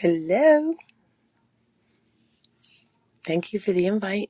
Hello. Thank you for the invite.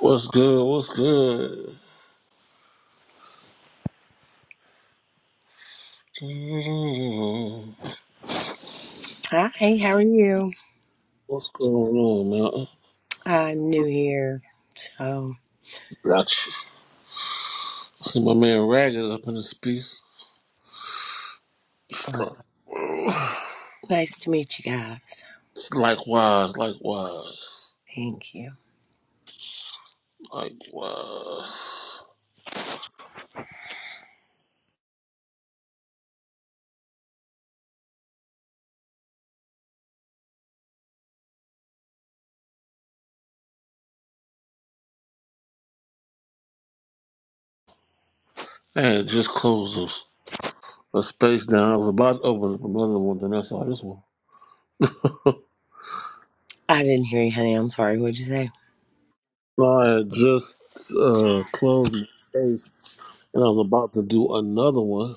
What's good? What's good? Hi, how are you? What's going on, man? I'm new here, so Got you. See my man Ragged up in this piece. It's uh, nice to meet you guys. likewise, likewise, Thank you. likewise. Hey, just closed a, a space down. I was about to open up another one, then I saw this one. I didn't hear you, honey. I'm sorry. What'd you say? No, I had just uh, closed the space, and I was about to do another one,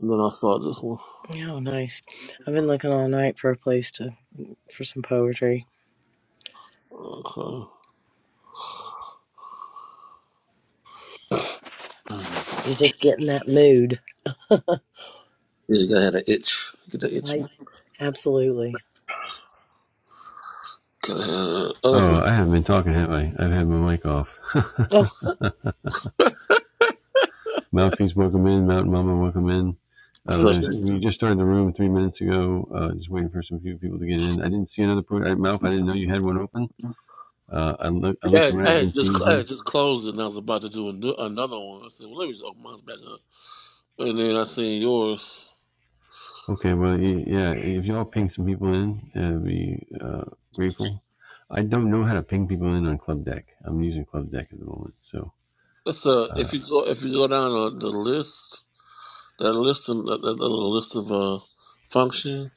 and then I saw this one. Oh, nice. I've been looking all night for a place to for some poetry. Okay. You just get in that mood. Yeah, you gotta have an itch. Get the itch. man. Like, absolutely. Uh, uh, Oh, I haven't been talking, have I? I've had my mic off. Oh, Mouthpiece, welcome in. Mountain Mama, welcome in. Uh, so, thank you. we just started the room three minutes ago. Uh, just waiting for some few people to get in. I didn't see another pro- I, mouth. I didn't know you had one open. Uh, I look, I I, looked I around, had didn't just see I anything. had just closed it and I was about to do an- another one. I said, "Well, let me just open mine back up." And then I seen yours. Okay, well, yeah. If y'all ping some people in, I'd be uh, grateful. I don't know how to ping people in on Club Deck. I'm using Club Deck at the moment, so. That's the if Uh, you go if you go down the, the list that list of, that, that little list of uh function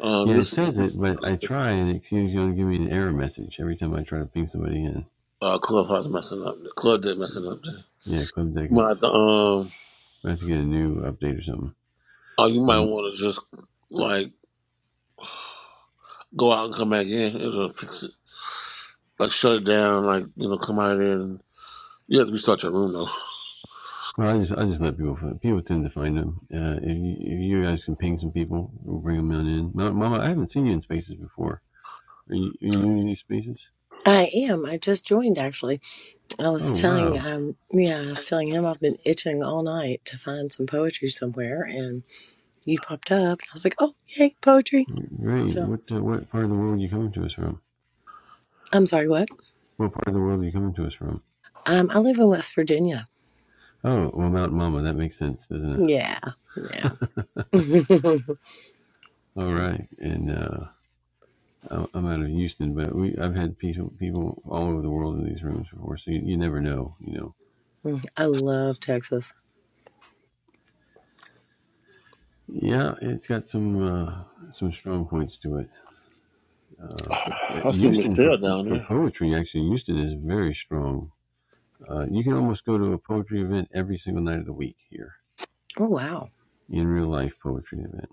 um yeah, you it says it, but I try and it seems to give me an error message every time I try to ping somebody in. uh clubhouse messing up the club did messing up there. Yeah, club deck You might is. um We have to get a new update or something. oh you might But want to just like go out and come back in. It'll fix it. Like shut it down. Like you know come out of there and you have to restart your room though. well, I just I just let people find, people tend to find them. Uh, if you if you guys can ping some people, we'll bring them on in. Ma- Mama, I haven't seen you in spaces before. Are you, are you new to these spaces? I am. I just joined actually. I was Oh telling wow, um yeah, I was telling him I've been itching all night to find some poetry somewhere and you popped up. And I was like, oh, yay, poetry. great! So What uh, what part of the world are you coming to us from? I'm sorry, what? What part of the world are you coming to us from? Um, I live in West Virginia. Oh, well, Mount Mama. That makes sense, doesn't it? Yeah, yeah. All right, and uh, I'm I'm out of Houston, but we I've had people people all over the world in these rooms before, so you, you never know, you know I love Texas. Yeah, it's got some uh, some strong points to it. Uh, but I see Houston for Michelle down for there. poetry, actually, Houston is very strong. Uh, you can almost go to a poetry event every single night of the week here Oh, wow. in real life poetry event.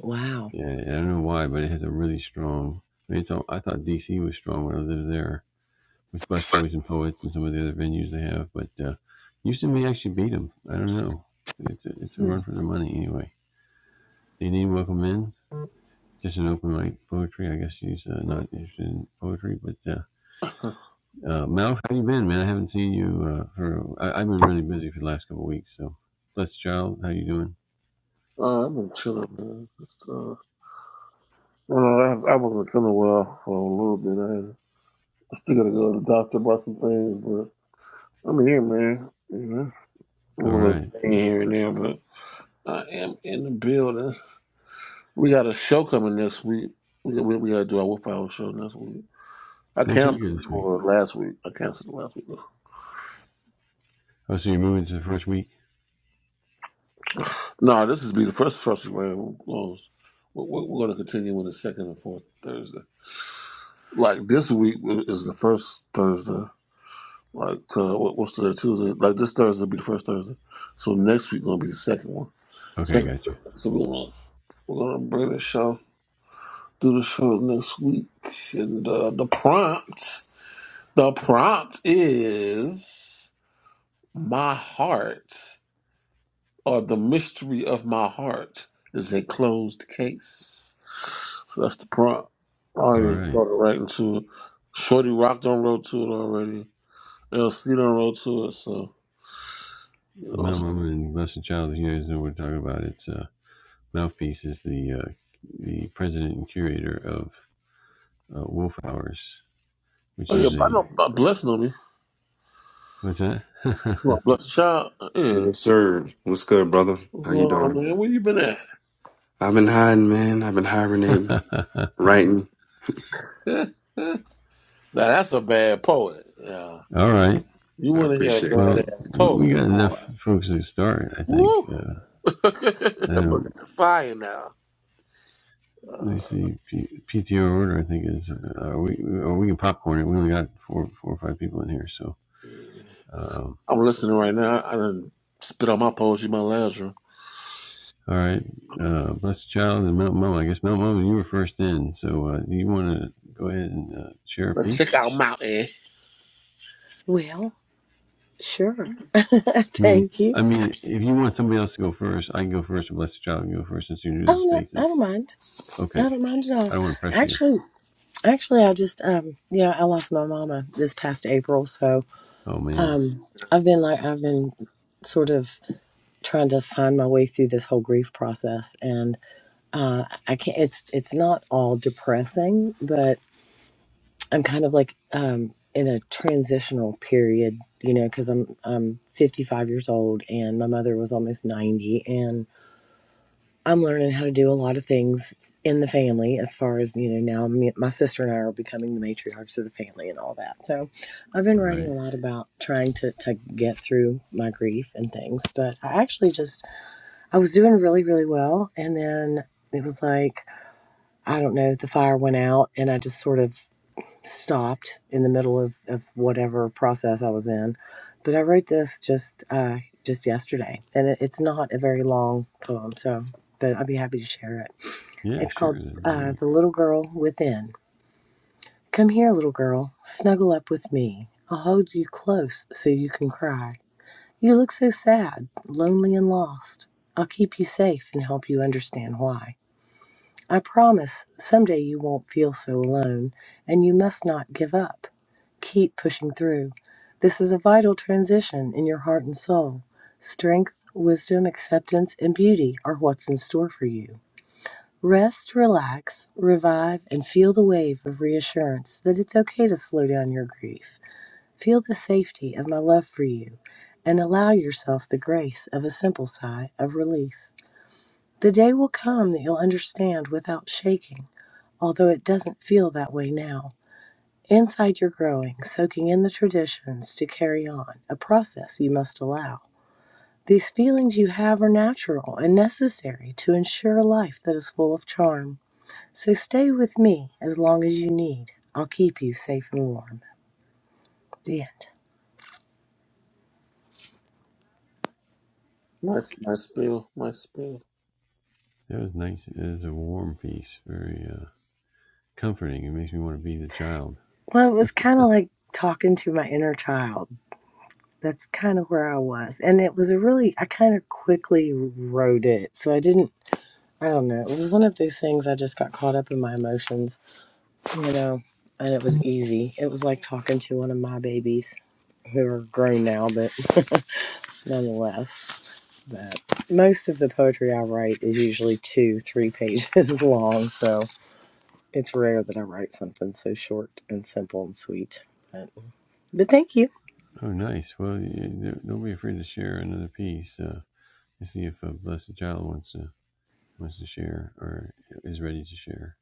Wow. Yeah, I don't know why, but it has a really strong. I mean, it's all, I thought DC was strong when I lived there with busboys and poets and some of the other venues they have, but uh, Houston may actually beat them. I don't know. It's a, it's a Hmm. run for their money anyway. They need welcome in. just an open mic poetry. I guess she's uh, not interested in poetry, but uh, uh, Malf, how you been, man? I haven't seen you uh, for. I, I've been really busy for the last couple of weeks. So, blessed child, how you doing? Uh, I've been chilling, man. Just, uh, you know, I, I wasn't feeling well for a little bit. I, I still gotta go to the doctor about some things, but I'm here, man. You know, a All little bit right. of pain here and there, but I am in the building. We got a show coming next week. We, we, we gotta do our Wolf Hour show next week. I Next week canceled or this week? for last week. I canceled last week. though. Oh, so you're moving to the first week? No, this is be the first first round. We're, we're gonna continue on the second and fourth Thursday. like this week is the first Thursday. Like to, what, what's today? Tuesday. Like this Thursday will be the first Thursday. So next week gonna be the second one. Okay, Second. gotcha. So we're gonna we're gonna bring the show do the show next week. And uh, the prompt the prompt is my heart or the mystery of my heart is a closed case. So that's the prompt. I All already right. started writing to it. Shorty rocked on road to it already. El C done roll to it, so you know. Mount Mama and Blessed Child. if You guys know what we're talking about. It's uh, mouthpiece is the uh, the president and curator of uh, Wolf Hours, which Oh yeah, is but I know a but Bless know me. what's that? You want Bless the Child? Uh, Yeah. Yes, sir. What's good, brother? What's How you going on, doing? man? Where you been at? I've been hiding, man. I've been hibernating, writing. now that's a bad poet. Yeah. All right. You I wanna hear a appreciate that. Well, badass we poet, got enough boy. folks to start, I think. Woo! Uh, I that book don't, got fire now. let me Uh, see. P, PTO order, I think is. Uh, are we or we can popcorn it. We only got four, four or five people in here, so. yeah. Um, I'm listening right now. I done spit on my poetry in my lounge room. all right, uh, blessed child and Mount Mama. I guess Mount Mama, you were first in, so uh, do you want to go ahead and uh, share a Let's check piece? out Mountain. Well, sure. I mean, Thank you. I mean, if you want somebody else to go first, I can go first, or blessed child can go first since you're new to the Oh, no, I don't spaces. mind. I Okay, don't mind at I all. don't want to pressure you. Actually, actually, I just, um, you know, I lost my mama this past April. So, Oh man, um, I've been like, I've been sort of trying to find my way through this whole grief process. and. uh, I can't. It's it's not all depressing, but I'm kind of like um, in a transitional period, you know, because I'm I'm 55 years old, and my mother was almost 90, and I'm learning how to do a lot of things in the family as far as you know now me, my sister and i are becoming the matriarchs of the family and all that so i've been all writing a right, lot about trying to, to get through my grief and things but i actually just i was doing really really well and then it was like I don't know, the fire went out and I just sort of stopped in the middle of, of whatever process I was in. But I wrote this just uh, just yesterday, and it, it's not a very long poem, so but I'd be happy to share it. yeah, It's sure, called that'd be uh, great. "The Little Girl Within." Come here, little girl, snuggle up with me. I'll hold you close so you can cry. You look so sad, lonely, and lost. I'll keep you safe and help you understand why. I promise someday you won't feel so alone, and you must not give up. Keep pushing through. This is a vital transition in your heart and soul. Strength, wisdom, acceptance, and beauty are what's in store for you. Rest, relax, revive, and feel the wave of reassurance that it's okay to slow down your grief. Feel the safety of my love for you, and allow yourself the grace of a simple sigh of relief. The day will come that you'll understand without shaking although it doesn't feel that way now. Inside you're growing, soaking in the traditions to carry on, a process you must allow. These feelings you have are natural and necessary to ensure a life that is full of charm. So stay with me as long as you need. I'll keep you safe and warm. The end. My my spill, my spill. That was nice. It is a warm piece, very uh, comforting. It makes me want to be the child. Well, it was kind of like talking to my inner child. That's kind of where I was. And it was a really, I kind of quickly wrote it. So I didn't, I don't know. It was one of those things I just got caught up in my emotions you know, and it was easy. It was like talking to one of my babies who are grown now, but nonetheless. Most of the poetry I write is usually two, three pages long, so it's rare that I write something so short and simple and sweet. But, but thank you. Oh, nice. Well, don't be afraid to share another piece uh, and see if a blessed child wants to wants to share or is ready to share.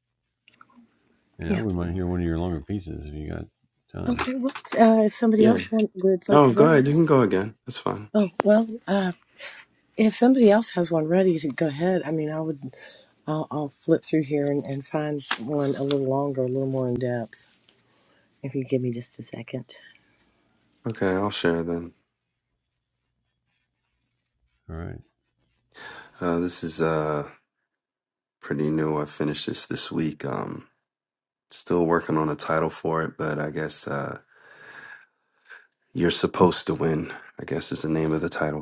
And I Yeah. wouldn't mind hearing one of your longer pieces if you got time. Okay. Well, uh, if somebody Yeah. else want, would like No, to go go, ahead. You can go again. That's fine. oh well. Uh, if somebody else has one ready to go ahead, I mean, I would. I'll, I'll flip through here and, and find one a little longer, a little more in depth. If you give me just a second. Okay, I'll share then. All right, Uh, this is uh pretty new. I finished this this week. Um, still working on a title for it, but I guess uh, you're supposed to win. I guess is the name of the title.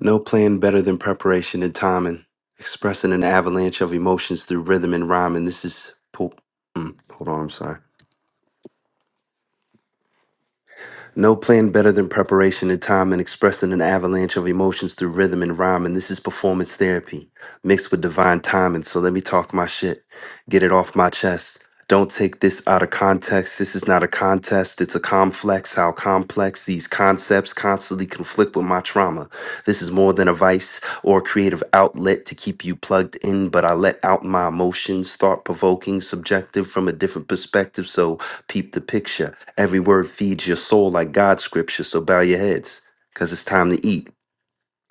No plan better than preparation and timing, expressing an avalanche of emotions through rhythm and rhyming. This is. Po- mm, hold on, I'm sorry. No plan better than preparation and time and expressing an avalanche of emotions through rhythm and rhyme. And this is performance therapy mixed with divine timing. So let me talk my shit, get it off my chest. Don't take this out of context. This is not a contest. It's a complex. How complex these concepts constantly conflict with my trauma. This is more than a vice or a creative outlet to keep you plugged in, but I let out my emotions, thought provoking, subjective from a different perspective. So peep the picture. Every word feeds your soul like God's scripture, so bow your heads, because it's time to eat.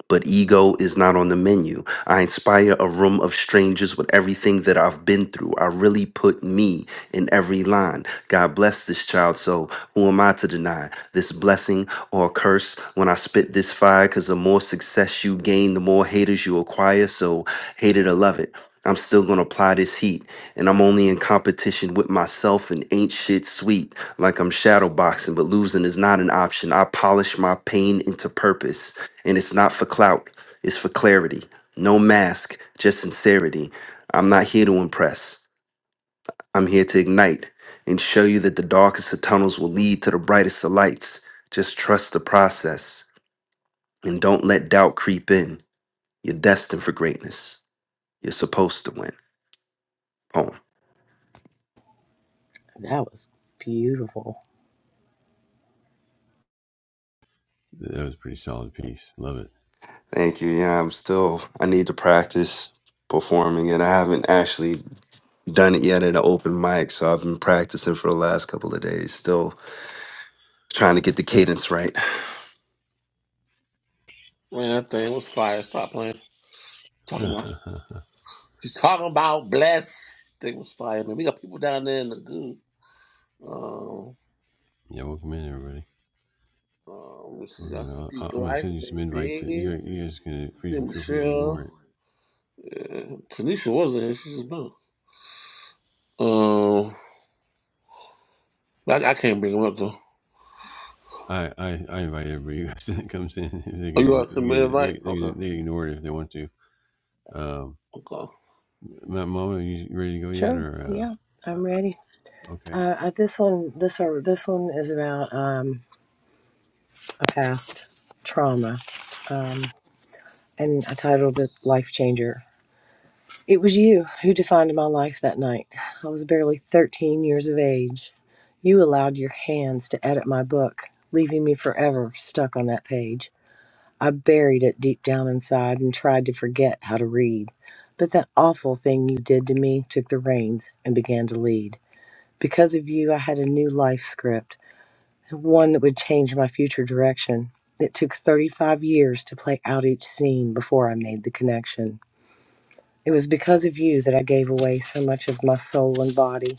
But ego is not on the menu. I inspire a room of strangers with everything that I've been through. I really put me in every line. God bless this child, so who am I to deny this blessing or curse when I spit this fire? Because the more success you gain, the more haters you acquire. So, hate it or love it. I'm still gonna apply this heat, and I'm only in competition with myself and ain't shit sweet. Like I'm shadow boxing, but losing is not an option. I polish my pain into purpose, and it's not for clout, it's for clarity. No mask, just sincerity. I'm not here to impress. I'm here to ignite and show you that the darkest of tunnels will lead to the brightest of lights. Just trust the process and don't let doubt creep in. You're destined for greatness. You're supposed to win. Poem. That was beautiful. that was a pretty solid piece. Love it. Thank you. Yeah, I'm still, I need to practice performing it. I haven't actually done it yet at an open mic, so I've been practicing for the last couple of days, still trying to get the cadence right. Man, that thing was fire. Stop playing. Talking about She's talking about blessed. They was fire, man. We got people down there in the good. Um, yeah, welcome in everybody. um, see, Welcome I in. i am speak gonna life, send you some they invites. dig it. You guys can See feel free to ignore Michelle. it Yeah. Tanisha wasn't here. She just been. Um, I, I can't bring him up though. I, I, I invite everybody that comes in. If they Oh, you can, want to they send me an can, invite? they, they Okay. can, they can ignore it if they want to. Um, Okay. Ma- Mama, are you ready to go yet? Sure. Or Yeah, uh, I'm ready. uh, okay, Uh, uh, this one, this one, this one is about um, a past trauma, um, and I titled it "Life Changer." It was you who defined my life that night. I was barely 13 years of age. You allowed your hands to edit my book, leaving me forever stuck on that page. I buried it deep down inside and tried to forget how to read. But that awful thing you did to me took the reins and began to lead. Because of you, I had a new life script, one that would change my future direction. It took 35 years to play out each scene before I made the connection. It was because of you that I gave away so much of my soul and body.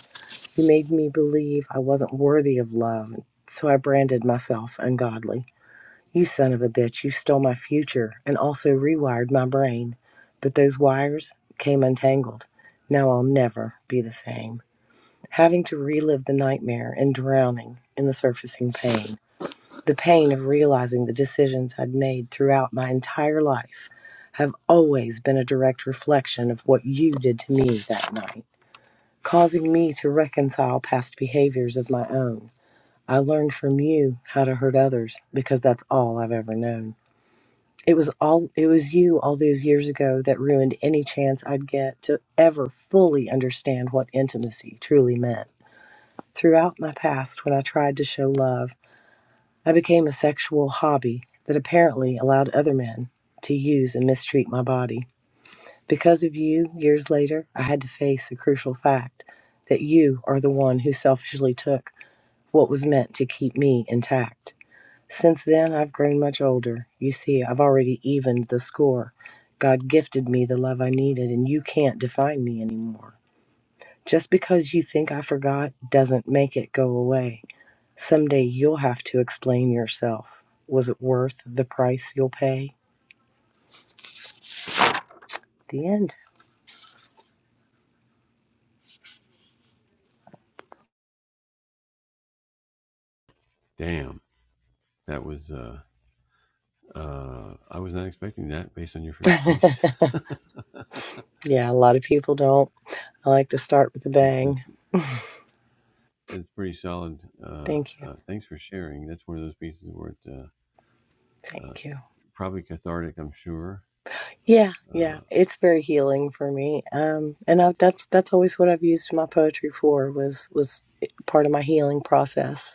You made me believe I wasn't worthy of love, so I branded myself ungodly. You son of a bitch, you stole my future and also rewired my brain. But those wires came untangled. Now I'll never be the same. Having to relive the nightmare and drowning in the surfacing pain. The pain of realizing the decisions I'd made throughout my entire life have always been a direct reflection of what you did to me that night, causing me to reconcile past behaviors of my own. I learned from you how to hurt others because that's all I've ever known. It was all it was you all those years ago that ruined any chance I'd get to ever fully understand what intimacy truly meant. Throughout my past when I tried to show love, I became a sexual hobby that apparently allowed other men to use and mistreat my body. Because of you, years later, I had to face the crucial fact that you are the one who selfishly took what was meant to keep me intact. Since then, I've grown much older. You see, I've already evened the score. God gifted me the love I needed, and you can't define me anymore. Just because you think I forgot doesn't make it go away. Someday you'll have to explain yourself. Was it worth the price you'll pay? The end. damn, that was. Uh, uh, I was not expecting that based on your first piece. Yeah, a lot of people don't. I like to start with a That- That's bang. that's pretty solid. Uh, Thank you. uh, thanks for sharing. That's one of those pieces where it uh, uh, Thank you. probably cathartic. I'm sure. Yeah, yeah, Uh, it's very healing for me, um, and I, that's that's always what I've used my poetry for was was part of my healing process.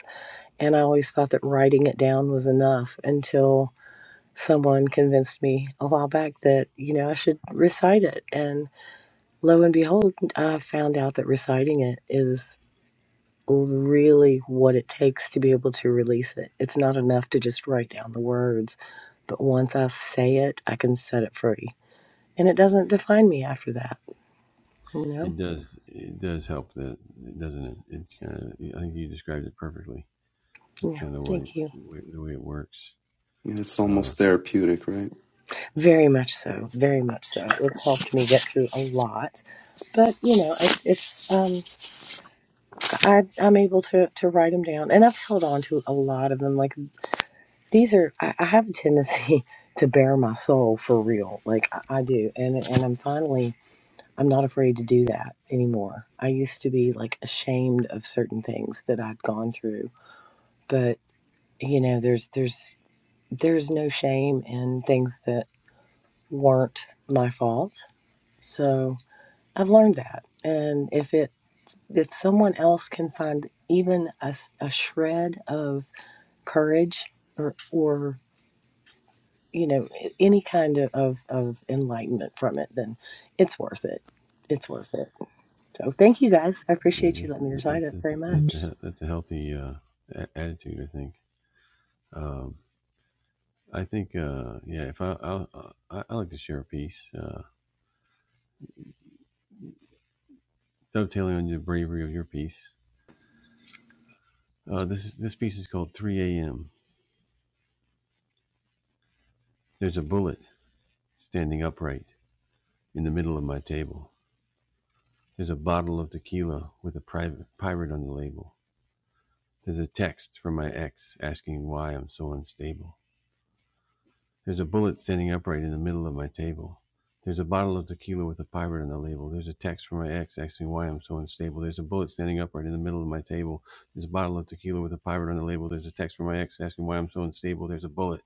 And I always thought that writing it down was enough until someone convinced me a while back that you know I should recite it. And lo and behold, I found out that reciting it is really what it takes to be able to release it. It's not enough to just write down the words, but once I say it, I can set it free and it doesn't define me after that, you it know? does. It does help. That doesn't it? It kind of. I think you described it perfectly That's Yeah, kind of the way, thank you. the way, the way it works. Yeah, It's Uh, almost therapeutic, right? Very much so, very much so. It's helped me get through a lot. But, you know, it's, it's um, I, I'm able to, to write them down, and I've held on to a lot of them. Like, these are, I, I have a tendency to bare my soul for real. Like, I, I do. And, and I'm finally, I'm not afraid to do that anymore. I used to be like ashamed of certain things that I'd gone through, but you know, there's, there's there's no shame in things that weren't my fault. So I've learned that. And if it if someone else can find even a a shred of courage or or you know any kind of, of of enlightenment from it, then it's worth it. It's worth it. So thank you guys. I appreciate you letting me recite that's, it that's, very that's, a, much. that's a healthy uh, attitude, I think. Um, I think, uh, yeah, if I, I'll, I, I like to share a piece, uh, dovetailing on the bravery of your piece. Uh, this, is, this piece is called 3 a.m. There's a bullet standing upright in the middle of my table. There's a bottle of tequila with a private pirate on the label. There's a text from my ex asking why I'm so unstable. There's a bullet standing upright in the middle of my table. There's a bottle of tequila with a pirate on the label. There's a text from my ex asking why I'm so unstable. There's a bullet standing upright in the middle of my table. There's a bottle of tequila with a pirate on the label. There's a text from my ex asking why I'm so unstable. There's a bullet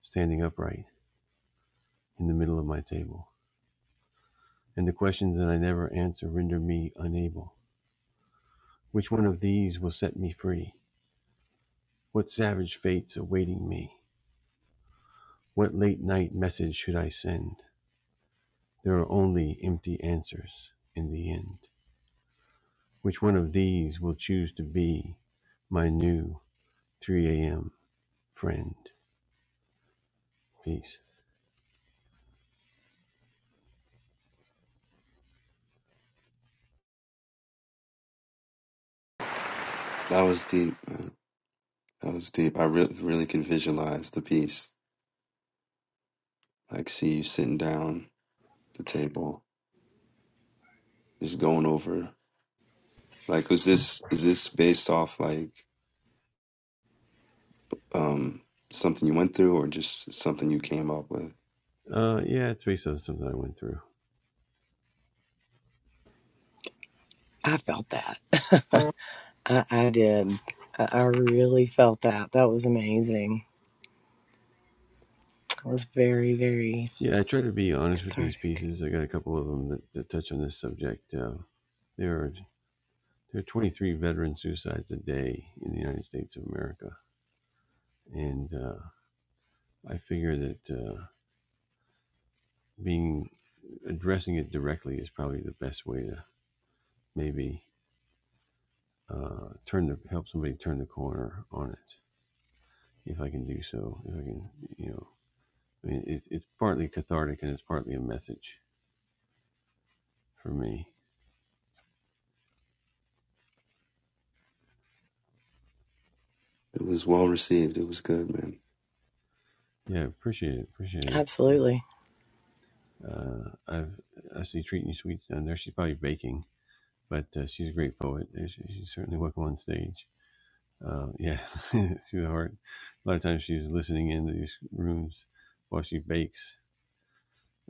standing upright in the middle of my table. And the questions that I never answer render me unable. Which one of these will set me free? What savage fate's awaiting me? What late night message should I send? There are only empty answers in the end. Which one of these will choose to be my new 3 a.m. friend? Peace. That was deep. Man. That was deep. I re- really could visualize the piece. Like, see you sitting down at the table, just going over. Like, was this is this based off like um something you went through, or just something you came up with? Uh, yeah, it's based on something I went through. I felt that. I, I did. I, I really felt that. That was amazing. I was very, very Yeah, I try to be honest with these Cathartic. pieces. I got a couple of them that, that touch on this subject. Uh, there are there are 23 veteran suicides a day in the United States of America, and uh, I figure that uh, being addressing it directly is probably the best way to maybe uh, turn the help somebody turn the corner on it. if I can do so. If I can, you know, I mean, it's it's partly cathartic and it's partly a message for me. It was well received. It was good, man. Yeah, appreciate it, appreciate it. Yeah. Absolutely. Uh, I've I see treating you sweets down there. She's probably baking, but uh, she's a great poet. and she- She's certainly welcome on stage. Uh, yeah, see the heart. A lot of times she's listening in to these rooms while she bakes.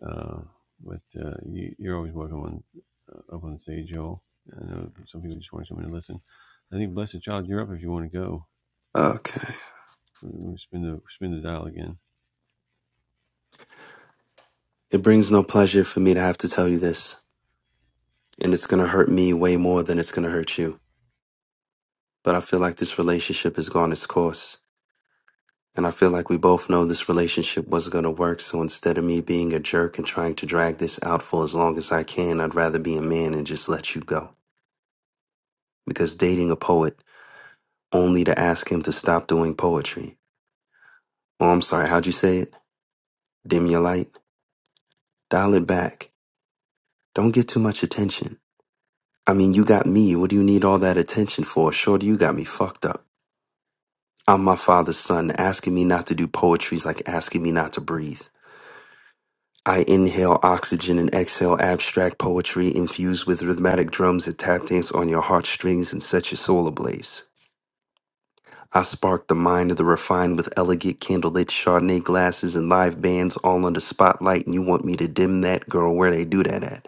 Uh, but uh, you, you're always welcome on uh, up on stage, Joel. I know some people just want to come in and listen. I think Blessed Child, you're up if you want to go. Okay. Let me spin the spin the dial again. It brings no pleasure for me to have to tell you this, and it's gonna hurt me way more than it's gonna hurt you. But I feel like this relationship has gone its course. And I feel like we both know this relationship wasn't going to work. So instead of me being a jerk and trying to drag this out for as long as I can, I'd rather be a man and just let you go. Because dating a poet only to ask him to stop doing poetry. Oh, I'm sorry. How'd you say it? Dim your light. Dial it back. Don't get too much attention. I mean, you got me. What do you need all that attention for? Shorty, you got me fucked up. I'm my father's son. Asking me not to do poetry is like asking me not to breathe. I inhale oxygen and exhale abstract poetry infused with rhythmic drums that tap dance on your heartstrings and set your soul ablaze. I spark the mind of the refined with elegant candlelit Chardonnay glasses and live bands all under spotlight, and you want me to dim that? Girl, where they do that at?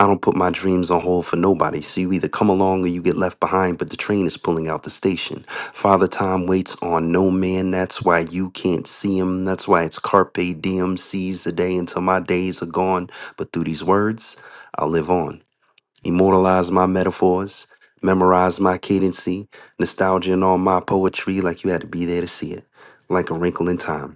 I don't put my dreams on hold for nobody, so you either come along or you get left behind, but the train is pulling out the station. Father Time waits on no man, that's why you can't see him. That's why it's carpe diem, seize the day until my days are gone. But through these words, I'll live on. Immortalize my metaphors, memorize my cadency, nostalgia in all my poetry like you had to be there to see it, like a wrinkle in time.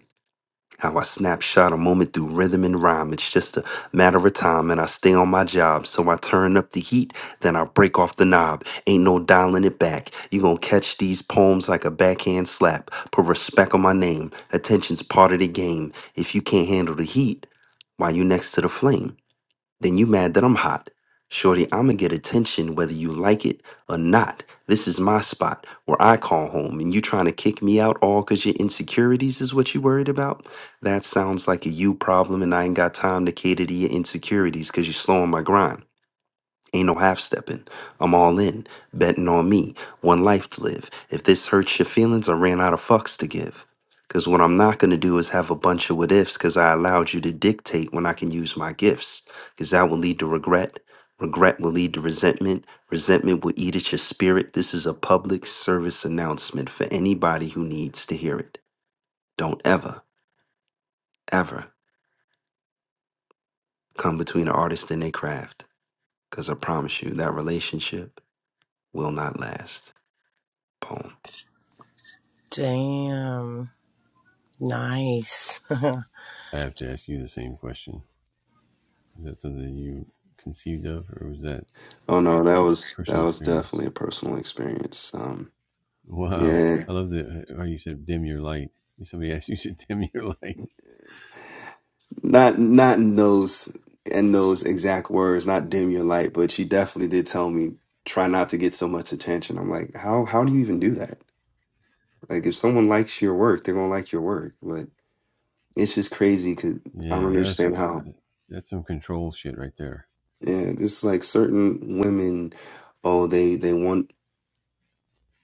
How I snapshot a moment through rhythm and rhyme. It's just a matter of time, and I stay on my job. So I turn up the heat, then I break off the knob. Ain't no dialing it back. You gon' catch these poems like a backhand slap. Put respect on my name. Attention's part of the game. If you can't handle the heat, why you next to the flame? then you mad that I'm hot. Shorty, I'ma get attention whether you like it or not. This is my spot where I call home, and you trying to kick me out all because your insecurities is what you worried about? That sounds like a you problem, and I ain't got time to cater to your insecurities because you're slowing my grind. Ain't no half stepping. I'm all in, betting on me. One life to live. If this hurts your feelings, I ran out of fucks to give. Cause what I'm not gonna do is have a bunch of what ifs, cause I allowed you to dictate when I can use my gifts. Cause that will lead to regret. Regret will lead to resentment. Resentment will eat at your spirit. This is a public service announcement for anybody who needs to hear it. Don't ever, ever come between an artist and their craft. Cause I promise you, that relationship will not last. Poem. Damn. Nice. I have to ask you the same question. Is that something you conceived of, or was that Oh no, that was that personal was experience? definitely a personal experience. Um, Wow, yeah, I love the how you said dim your light. Somebody asked you to dim your light. not not in those in those exact words, not dim your light, but she definitely did tell me try not to get so much attention. I'm like, how how do you even do that? Like, if someone likes your work, they're gonna like your work. But it's just crazy because I don't Yeah, that's understand a, how. that's some control shit right there. Yeah, this is like certain women. Oh, they they want.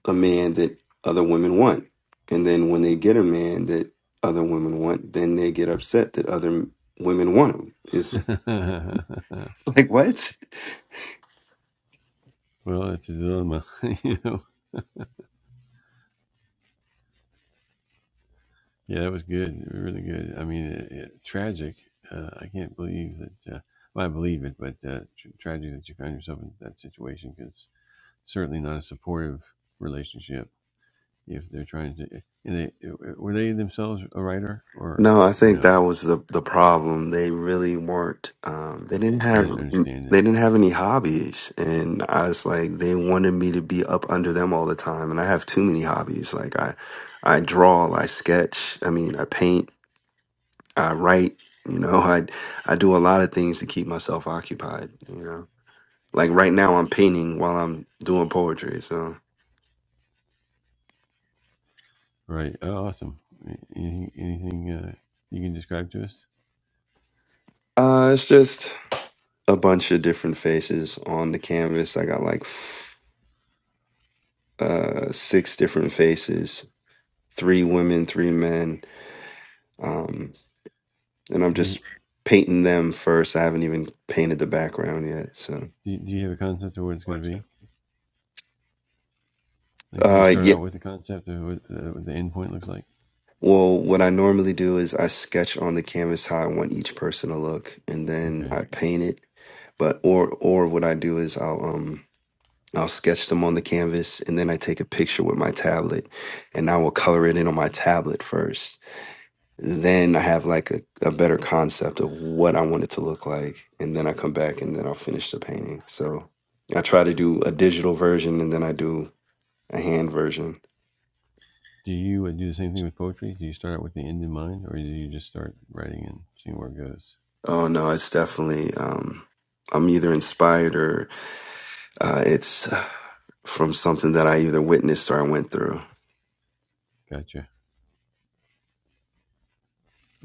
a man that other women want. And then when they get a man that other women want, then they get upset that other m- women want him. It's, it's like, what? well, it's a dilemma, you know. Yeah, that was good, really good. I mean, it, it, tragic. Uh, I can't believe that. Uh, well, I believe it, but uh, tr- tragic that you found yourself in that situation because. certainly not a supportive relationship if they're trying to. And they, were they themselves a writer or No, I or think no? that was the, the problem. They really weren't, um, they didn't They have, didn't understand it. they didn't have any hobbies. And I was like, they wanted me to be up under them all the time. And I have too many hobbies. Like I, I draw, I sketch. I mean, I paint, I write, you know, I, I do a lot of things to keep myself occupied, you know? Like right now, I'm painting while I'm doing poetry. So Right. Oh, awesome. Anything, anything uh, you can describe to us? uh, it's just a bunch of different faces on the canvas. I got like f- uh, six different faces three women, three men. Um, and I'm Do you, just painting them first. I haven't even painted the background yet. So, do, you, do you have a concept of what it's going to be? Like, do you uh, start yeah. out with a concept of what, uh, what the end point looks like? Well, what I normally do is I sketch on the canvas how I want each person to look, and then Okay. I paint it. But or or what I do is I'll um I'll sketch them on the canvas and then I take a picture with my tablet and I will color it in on my tablet first. Then I have like a, a better concept of what I want it to look like. And then I come back and then I'll finish the painting. So I try to do a digital version and then I do a hand version. Do you uh, do the same thing with poetry? Do you start out with the end in mind, or do you just start writing and seeing where it goes? Oh no, it's definitely, um, I'm either inspired or uh, it's uh, from something that I either witnessed or I went through. Gotcha.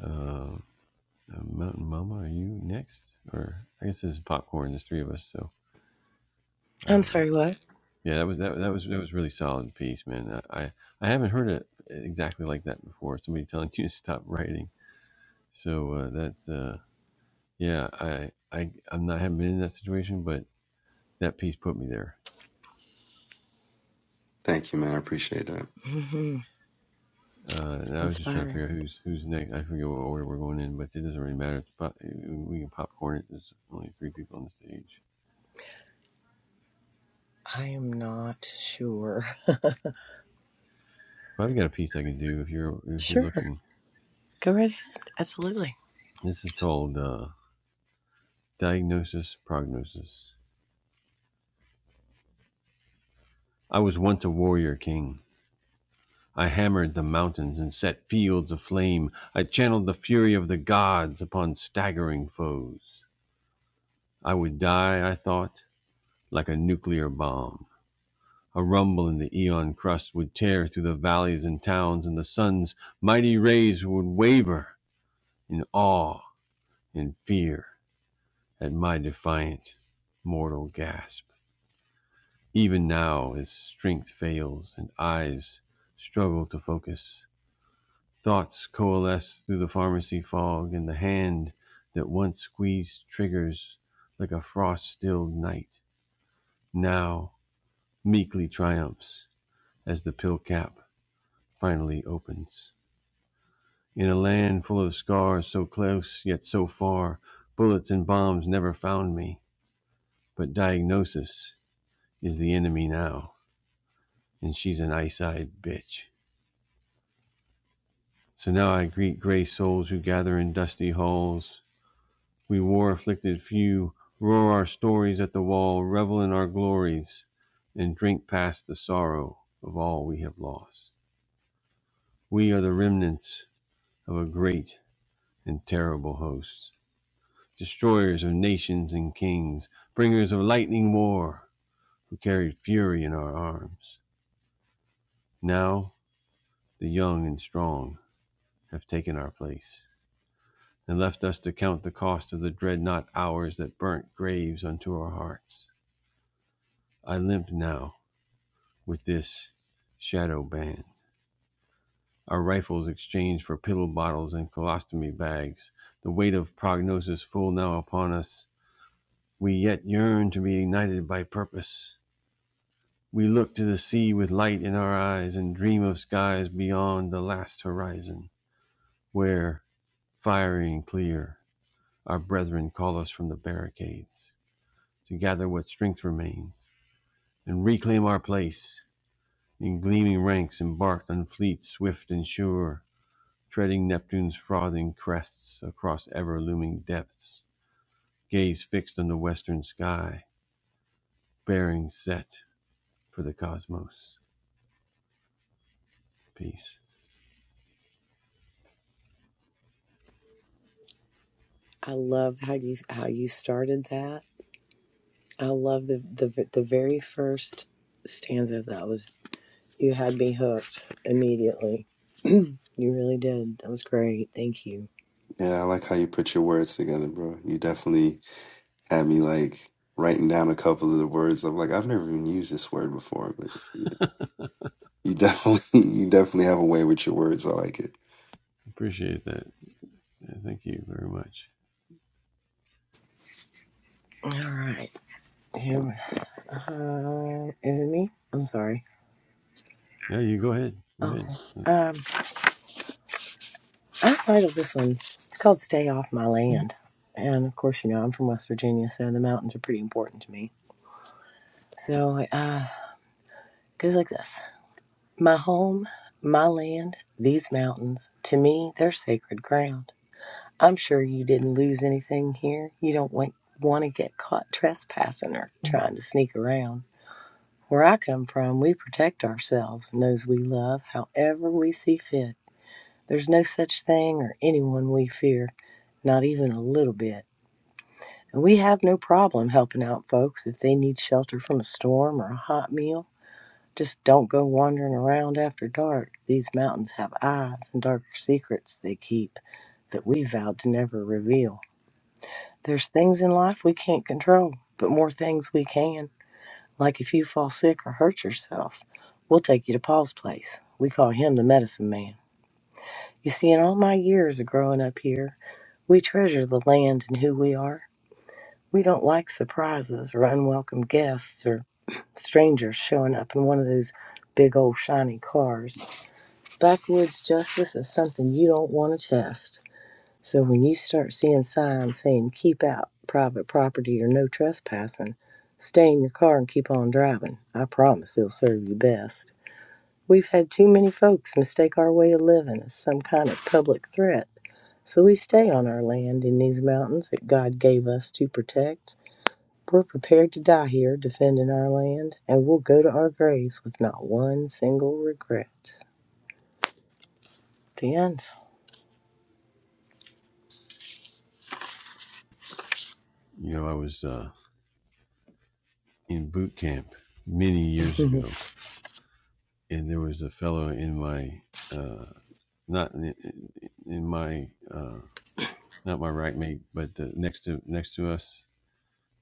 Um, Uh, Mountain Mama, are you next? Or I guess this is popcorn. There's three of us, so I'm um, sorry, what? yeah, that was that, that was that was really solid piece, man. I I, I haven't heard it exactly like that before. Somebody telling you to stop writing. So uh, that uh, yeah, I I I'm not haven't been in that situation, but that piece put me there. Thank you, man. I appreciate that. hmm Uh, It's and I was just trying to inspiring. figure out who's who's next. I forget what order we're going in, but it doesn't really matter. It's pop, we can popcorn it. There's only three people on the stage. I am not sure. Well, I've got a piece I can do if you're if you're Sure. looking. Go right ahead. Absolutely. This is called. Uh, Diagnosis, prognosis. I was once a warrior king. I hammered the mountains and set fields aflame. I channeled the fury of the gods upon staggering foes. I would die, I thought, like a nuclear bomb. A rumble in the eon crust would tear through the valleys and towns, and the sun's mighty rays would waver in awe and fear at my defiant mortal gasp. Even now, his strength fails and eyes struggle to focus. Thoughts coalesce through the pharmacy fog, and the hand that once squeezed triggers like a frost stilled night now meekly triumphs as the pill cap finally opens. In a land full of scars so close yet so far, bullets and bombs never found me, but diagnosis is the enemy now, and she's an ice eyed bitch. So now I greet gray souls who gather in dusty halls. We war afflicted few roar our stories at the wall, revel in our glories, and drink past the sorrow of all we have lost. We are the remnants of a great and terrible host, destroyers of nations and kings, bringers of lightning war, who carried fury in our arms. Now the young and strong have taken our place. and left us to count the cost of the dreadnought hours that burnt graves unto our hearts. I limp now with this shadow band. Our rifles exchanged for pill bottles and colostomy bags, the weight of prognosis full now upon us. We yet yearn to be ignited by purpose. We look to the sea with light in our eyes and dream of skies beyond the last horizon, where, fiery and clear, our brethren call us from the barricades. to gather what strength remains and reclaim our place in gleaming ranks embarked on fleets swift and sure treading neptune's frothing crests across ever looming depths gaze fixed on the western sky bearing set for the cosmos peace I love how you how you started that. I love the the the very first stanza of that was you had me hooked immediately. You really did. That was great. Thank you. Yeah, I like how you put your words together, bro. You definitely had me like writing down a couple of the words. I'm like, I've never even used this word before, but you definitely you definitely have a way with your words. I like it. appreciate that yeah, thank you very much All right. Here we- Uh, is it me? I'm sorry. yeah you go ahead go ahead Okay. Um. I titled this one. It's called "Stay Off My Land," and of course, you know I'm from West Virginia, so the mountains are pretty important to me. So uh, it goes like this: My home, my land, these mountains. To me, they're sacred ground. I'm sure you didn't lose anything here. You don't want want to get caught trespassing or trying to sneak around. Where I come from, we protect ourselves and those we love, however we see fit. There's no such thing or anyone we fear, not even a little bit. And we have no problem helping out folks if they need shelter from a storm or a hot meal. Just don't go wandering around after dark. These mountains have eyes and darker secrets they keep that we vowed to never reveal. There's things in life we can't control, but more things we can. Like if you fall sick or hurt yourself, we'll take you to Paul's place. We call him the medicine man. You see, in all my years of growing up here, we treasure the land and who we are. We don't like surprises or unwelcome guests or strangers showing up in one of those big old shiny cars. Backwoods justice is something you don't want to test. So when you start seeing signs saying keep out private property or no trespassing, stay in your car and keep on driving. I promise it'll serve you best. We've had too many folks mistake our way of living as some kind of public threat. So we stay on our land in these mountains that God gave us to protect. We're prepared to die here defending our land, and we'll go to our graves with not one single regret. The end. you know i was uh, in boot camp many years ago and there was a fellow in my uh, not in, in my uh, not my right mate, but the, next to next to us,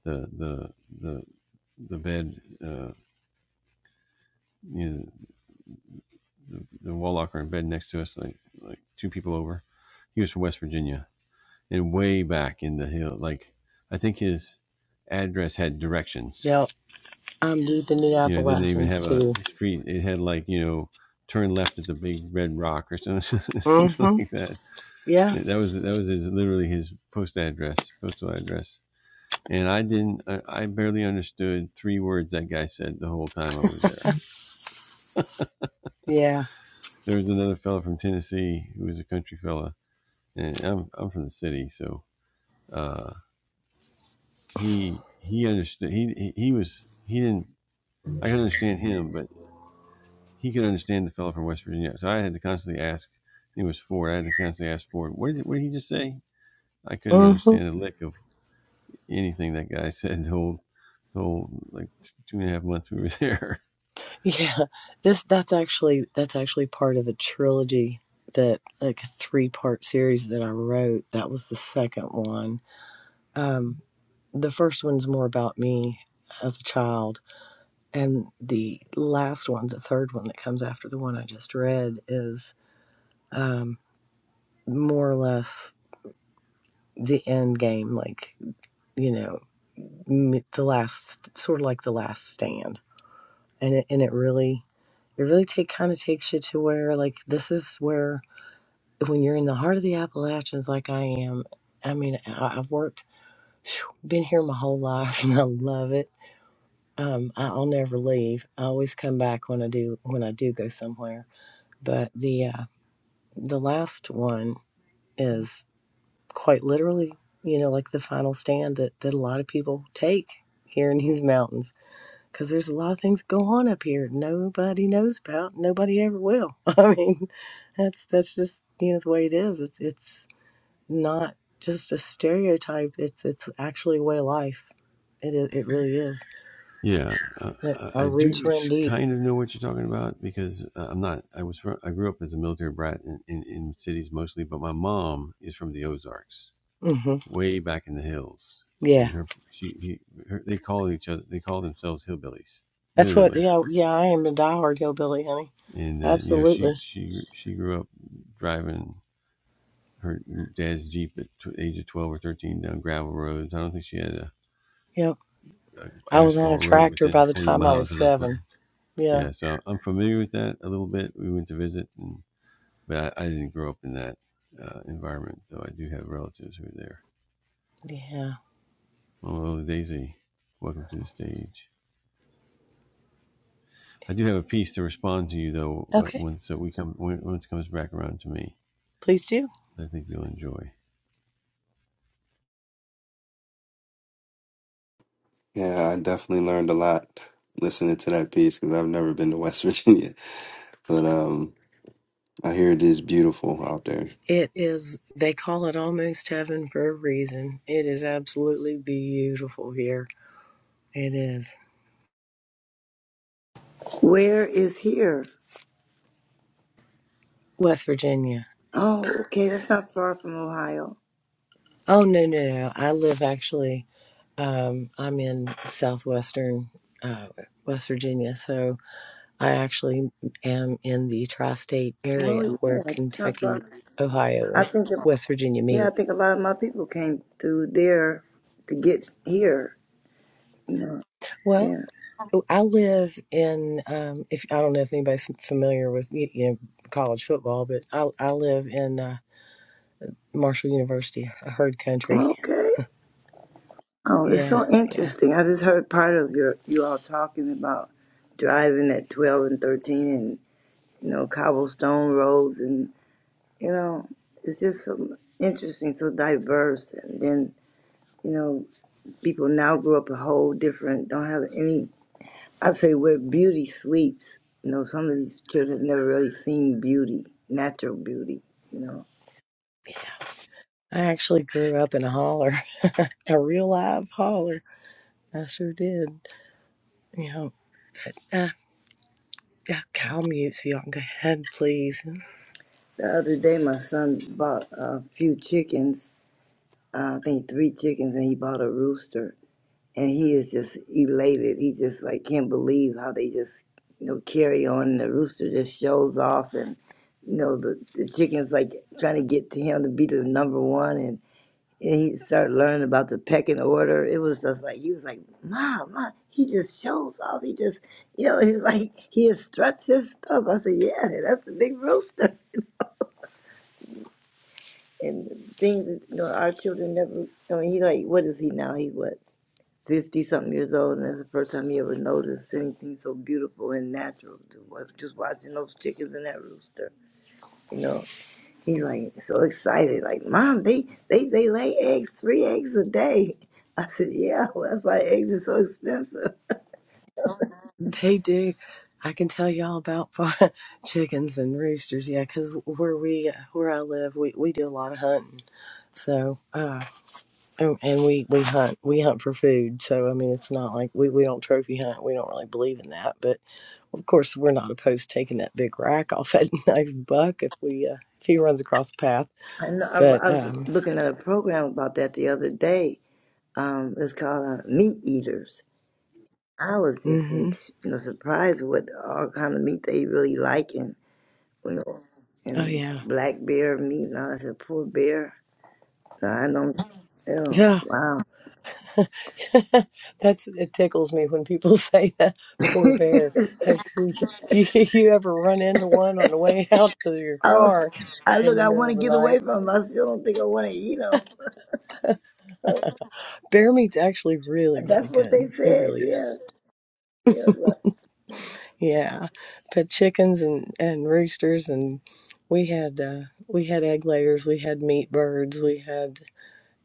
the the the the bed, uh, you know, the, the wall locker and bed next to us, like like two people over. He was from West Virginia and way back in the hill. Like I think his address had directions. yep, I'm deep in the New You know, it didn't even Appalachians have a too. street. It had like you know, turn left at the big red rock or something, something Mm-hmm. like that. Yeah. That was that was his literally his post address, postal address and I didn't. I, barely understood three words that guy said the whole time I was there. Yeah. There was another fellow from Tennessee who was a country fella, and I'm I'm from the city, so uh, he he understood. He he was he didn't. I could understand him, but he could understand the fellow from West Virginia. So I had to constantly ask. It was Ford. I had to constantly ask Ford. What did what did he just say? I couldn't Mm-hmm. understand a lick of anything that guy said the whole the whole like two and a half months we were there. Yeah. This that's actually that's actually part of a trilogy that like a three part series that I wrote. That was the second one. Um, the first one's more about me as a child And the last one, the third one that comes after the one I just read, is um, more or less the end game, like, you know, the last, sort of like the last stand. And it, and it really, it really take, kind of takes you to where, like, this is where, when you're in the heart of the Appalachians, like I am, I mean, I, I've worked, phew, been here my whole life and I love it. Um, I, I'll never leave. I always come back when I do, when I do go somewhere. But the, uh, the last one is quite literally, you know, like the final stand that, that a lot of people take here in these mountains because there's a lot of things go on up here nobody knows about nobody ever will i mean that's that's just you know the way it is it's it's not just a stereotype it's it's actually a way of life it is it really is Yeah, uh, Yeah, uh, our I roots do run deep kind of know what you're talking about because uh, I'm not. I was from. I grew up as a military brat in, in, in cities mostly, but my mom is from the Ozarks, hmm way back in the hills. yeah And her, she, he, her, they call each other. They call themselves hillbillies, that's what literally. yeah yeah i am a diehard hillbilly honey And uh, you know, absolutely she, she, she grew up driving her dad's jeep at t- age of 12 or 13 down gravel roads. I don't think she had a, Yep. a I was on a asphalt road tractor within by the 20 time I was miles of her place. seven. Yeah, Yeah, so I'm familiar with that a little bit. We went to visit, and, but I, I didn't grow up in that uh, environment, though I do have relatives who are there. yeah. Hello, Daisy. Welcome to the stage. I do have a piece to respond to you, though, uh, Okay, once uh, we come when, once it comes back around to me. please do. I think you'll enjoy. Yeah, I definitely learned a lot listening to that piece because I've never been to West Virginia, but um, I hear it is beautiful out there. It is, they call it almost heaven for a reason. It is absolutely beautiful here. It is. Where is here? West Virginia. Oh, okay, that's not far from Ohio. Oh, no, no, no. I live actually, um, I'm in southwestern uh, West Virginia. So I actually am in the tri state Oh area yeah, where that's not far. Kentucky, Ohio, I and think West Virginia yeah, I meet. think a lot of my people came through there to get here. You know, Well, yeah. Oh, I live in um, if I don't know if anybody's familiar with you know college football, but I I live in uh, Marshall University, a herd country. Okay. Oh, it's Yeah, so yeah, interesting. I just heard part of your you all talking about driving at twelve and thirteen, and you know cobblestone roads, and you know it's just so interesting, so diverse, and then you know people now grew up a whole different, don't have any I say where beauty sleeps. You know, some of these children never really seen beauty, natural beauty. You know, yeah. I actually grew up in a holler, a real live holler. I sure did. You know, but uh, yeah, okay, I'll mute so y'all can go ahead, please. the other day my son bought a few chickens. Uh, I think three chickens, and he bought a rooster. And he is just elated. He just like can't believe how they just you know carry on. And the rooster just shows off, and you know the the chickens like trying to get to him to be the number one, and. and he started learning about the pecking order. It was just like he was like, "Mom, mom." He just shows off. He just, you know, he's like he struts his stuff. I said, "Yeah, that's the big rooster." And things, that, you know, our children never. I mean, he like, what is he now? He's what fifty something years old, and that's the first time he ever noticed anything so beautiful and natural. To, wa- just watching those chickens and that rooster, you know. He's like so excited, like, Mom, they, they, they lay eggs, three eggs a day. I said, Yeah, well, that's why eggs are so expensive. They do. I can tell y'all about fa- chickens and roosters. Yeah, because where we where I live, we we do a lot of hunting. So. and, and we we hunt we hunt for food so i mean it's not like we, we don't trophy hunt we don't really believe in that but of course we're not opposed to taking that big rack off that nice buck if we uh, if he runs across the path I know I, but I was um looking at a program about that the other day. Um, it's called uh, Meat Eaters. I was just in, hmm you know, surprised what all kind of meat they really like and you know, oh and yeah black bear meat and all that. I said, Poor bear. No, I don't. Ew, yeah wow. that's it tickles me when people say that poor bear have you, you you ever run into one on the way out to your I, was, car I in look, the I middle want to of the get night away from them. I still don't think I want to eat them. bear meat's actually really really That's what they good it said. really is Yeah, yeah. but Yeah, but chickens and and roosters and we had uh we had egg layers, we had meat birds, we had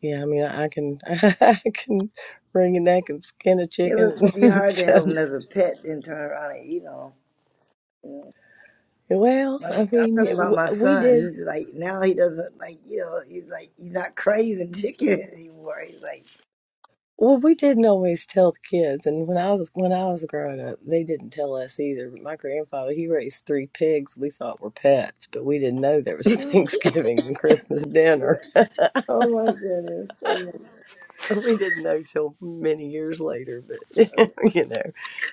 yeah, I mean I, I can I can wring a neck and skin a It was chicken. gonna be hard to have him as a pet, then turn around and eat him. Yeah. And well, I mean, I I'm mean talking about w- my we son. did He's like now he doesn't like you know. He's like he's not craving chicken anymore. He's like, well we didn't always tell the kids and when I was when I was growing up, they didn't tell us either. But My grandfather, he raised three pigs we thought were pets, but we didn't know there was Thanksgiving and Christmas dinner. oh my goodness, oh my we didn't know till many years later, but goodness. you know,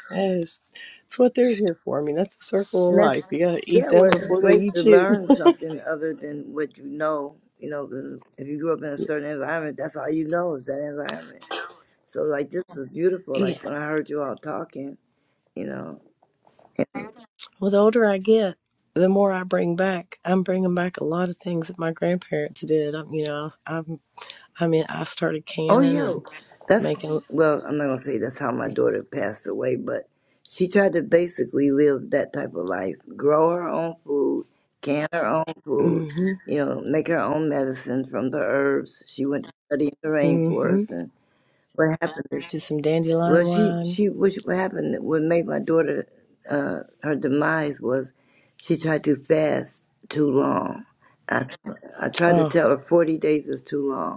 that's that's what they're here for. I mean, that's the circle of And that's life. You gotta eat yeah. them Well, it's before they great to eat you. learn something other than what you know. You know, because if you grew up in a certain environment, that's all you know is that environment. So like this is beautiful. Yeah. Like when I heard you all talking, you know. Well, the older I get, the more I bring back. I'm bringing back a lot of things that my grandparents did. I'm, you know, I'm, I mean, I started Oh canning yeah, and that's making, well. I'm not gonna say that's how my daughter passed away, but she tried to basically live that type of life: grow her own food, can her own food, mm-hmm, you know, make her own medicine from the herbs. She went to study in the mm-hmm, rainforest, and what happened is, just some well, dandelion she wine. she which what happened what made my daughter uh, her demise was she tried to fast too long. I I tried to Oh, tell her 40 days is too long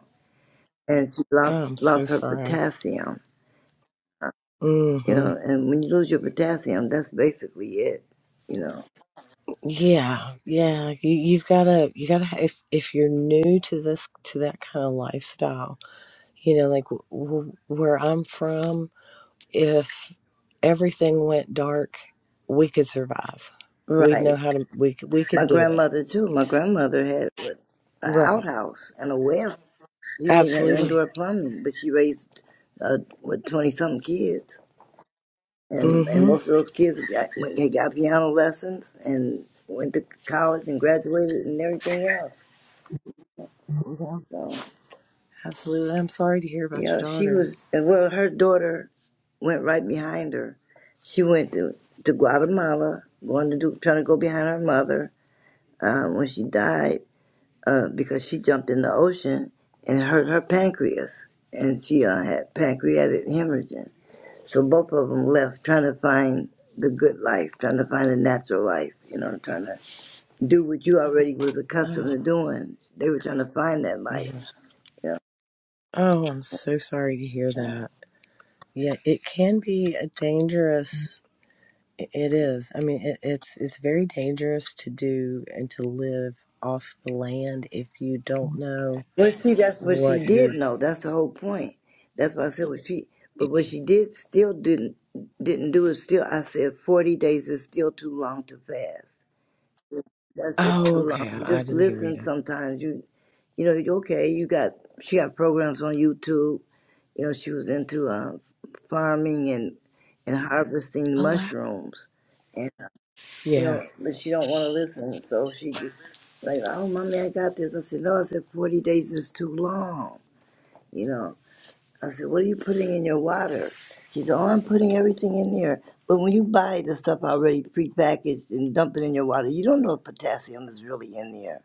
and she I'm lost so lost her sorry. potassium. uh, You Mm-hmm. know, and when you lose your potassium, that's basically it. You know, Yeah, yeah. You, you've got to, you got to, if, if you're new to this, to that kind of lifestyle, you know, like w- w- where I'm from, if everything went dark, we could survive. We'd right? know how to, we, c- we My could do it. grandmother too. My grandmother had what, an Right. outhouse and a well. She didn't even have Absolutely. indoor plumbing, but she raised uh, what twenty something kids, and and Mm-hmm. most of those kids got went, they got piano lessons and went to college and graduated and everything else. Yeah, So. absolutely. I'm sorry to hear about Yeah, your she daughter. was, well, her daughter went right behind her. She went to, to Guatemala, going to do, trying to go behind her mother uh, when she died uh, because she jumped in the ocean and hurt her pancreas. And she uh, had pancreatic hemorrhage. So both of them left trying to find the good life, trying to find a natural life, you know, trying to do what you already was accustomed Oh, to doing. They were trying to find that life. yeah. Yeah. Oh, I'm so sorry to hear that. Yeah, it can be a dangerous It it is. I mean, it, it's it's very dangerous to do and to live off the land if you don't know Well, see, that's what she what did you're. know. That's the whole point. That's why I said what she. But what e-, she did still didn't didn't do is still. I said forty days is still too long to fast. That's just Oh, too long. okay. You I, I just didn't hear listen. you. Sometimes you, you know, you- okay. You got she got programs on YouTube. You know, she was into uh, farming and and harvesting Oh, wow. mushrooms, and uh, you Yeah. know, but she don't want to listen. So she just like, oh, mommy, I got this. I said no. I said forty days is too long. You know, I said, what are you putting in your water? She said, oh, I'm putting everything in there. But when you buy the stuff already prepackaged and dump it in your water, you don't know if potassium is really in there,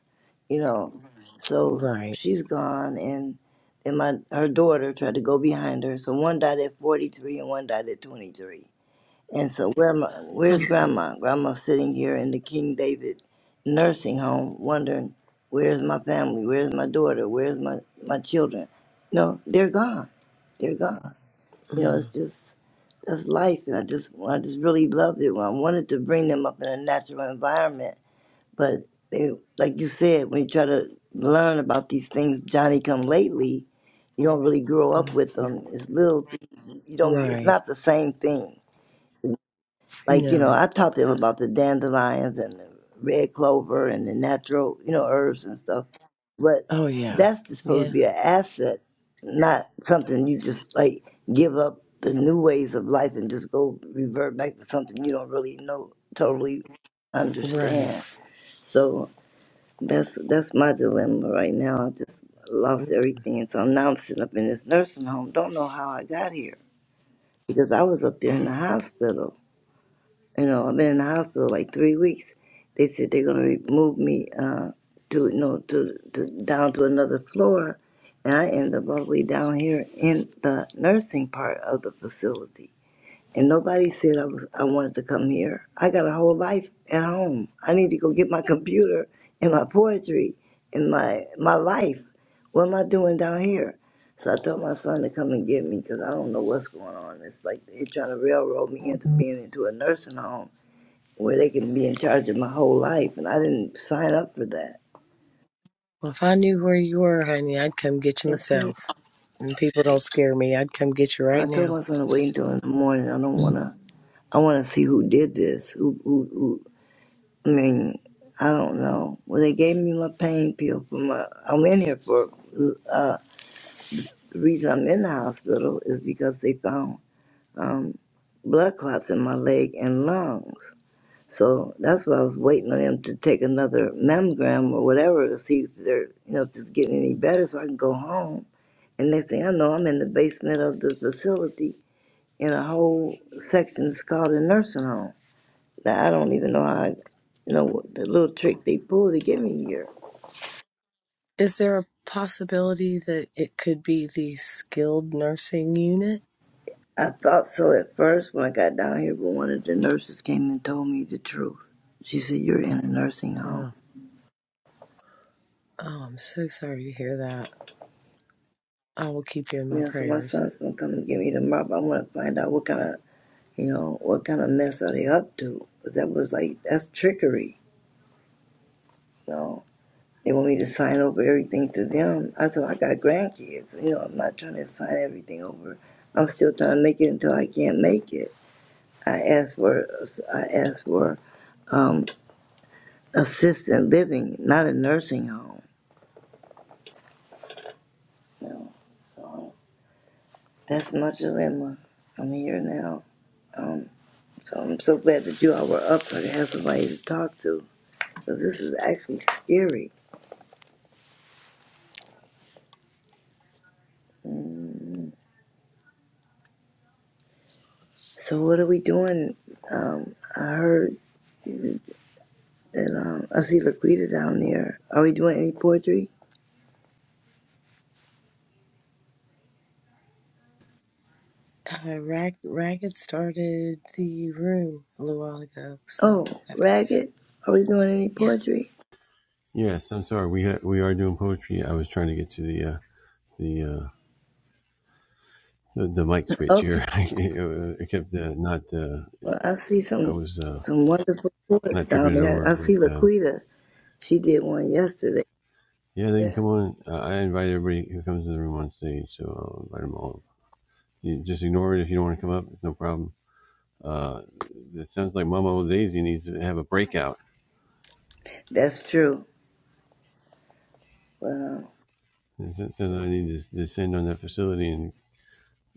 you know. So Right. she's gone, and and my her daughter tried to go behind her. So one died at 43 and one died at 23. And so where am I, I'm where's so sorry. grandma? Grandma's sitting here in the King David nursing home, wondering where's my family, where's my daughter, where's my my children. No, they're gone they're gone. You know, it's Mm, just that's life, and I just I just really loved it. Well, I wanted to bring them up in a natural environment, but they, like you said, when you try to learn about these things, Johnny come lately, you don't really grow up mm, with mm. them. It's little things. You don't. It's Right. not the same thing. Like, you No. know, I taught them about the dandelions and the red clover and the natural, you know, herbs and stuff. But Oh, yeah. that's just supposed to Yeah. be an asset, not something you just like give up the new ways of life and just go revert back to something you don't really know totally Right. understand. So that's that's my dilemma right now. I just lost Mm, everything, and so now I'm sitting up in this nursing home. Don't know how I got here because I was up mm. there in the hospital you know, I've been in the hospital like three weeks. They said they're gonna move me uh, to you know to, to down to another floor, and I end up all the way down here in the nursing part of the facility. And nobody said I was I wanted to come here. I got a whole life at home. I need to go get my computer and my poetry and my my life. What am I doing down here? So I told my son to come and get me because I don't know what's going on. It's like they're trying to railroad me into Well, being into a nursing home where they can be in charge of my whole life, and I didn't sign up for that. if I knew where you were, honey, I'd come get you Okay, myself. And people don't scare me. I'd come get you right I told now. my son to wait until in the morning. I don't wanna. I wanna see who did this. Who, who, who? I mean, I don't know. Well, they gave me my pain pill for my. I'm in here for. Uh, the reason I'm in the hospital is because they found um, blood clots in my leg and lungs. So that's why I was waiting on him to take another mammogram or whatever to see if they're, you know, if it's getting any better so I can go home. And next thing I know, I'm in the basement of the facility in a whole section that's called a nursing home. Now, I don't even know how, I, you know, what the little trick they pulled to get me here. Is there a possibility that it could be the skilled nursing unit? I thought so at first when I got down here, but one of the nurses came and told me the truth. She said, You're in a nursing home. Uh, oh, I'm so sorry to hear that. I will keep you in my Yeah, so my prayers. son's gonna come and get me tomorrow, but I'm gonna find out what kind of you know, what kind of mess are they up to? Because that was like, that's trickery, you know. They want me to sign over everything to them. I thought I got grandkids, you know, I'm not trying to sign everything over. I'm still trying to make it until I can't make it. I asked for, I asked for um, assisted living, not a nursing home. You know. So that's my dilemma. I'm here now. Um, so I'm so glad that you all were up so I could have somebody to talk to. Because this is actually scary. Mm. So what are we doing? Um, I heard that um, I see Laquita down there. Are we doing any poetry? Uh, Rag, Ragged started the room a little while ago, so Oh, I have to, Ragged, are we doing any yeah. poetry? Yes, I'm sorry. We ha- we are doing poetry. I was trying to get to the uh, the, uh, the the mic switch Okay, here. I kept uh, not. Uh, well, I see I some was uh, some wonderful poets not down tripping it there. over, I see but. Um, Laquita. She did one yesterday. Yeah, they can Yeah, come on. Uh, I invite everybody who comes to the room on stage, so I'll invite them all. You just ignore it if you don't want to come up. It's no problem. Uh, it sounds like Mama Old Daisy needs to have a breakout. That's true. But um. It sounds like I need to descend on that facility and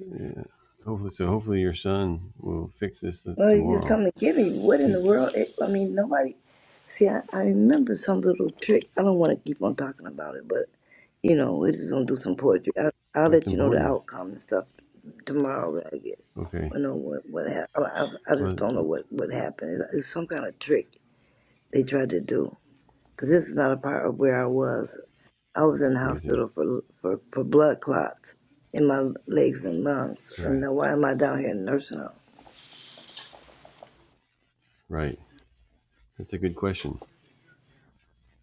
uh, hopefully, so hopefully your son will fix this th- Well, you just tomorrow. come to get me. What in the Please. world? It, I mean, nobody. See, I, I remember some little trick. I don't want to keep on talking about it, but you know, we're just gonna do some poetry. I, I'll It's let you know the important. outcome and stuff tomorrow. When I get, Okay. I know what what happened. I, I I just don't know Well, what what happened. It's, it's some kind of trick they tried to do. Cause this is not a part of where I was. I was it's in the crazy. hospital for for for blood clots in my legs and lungs. And Right. now why am I down here in nursing home? Right. That's a good question.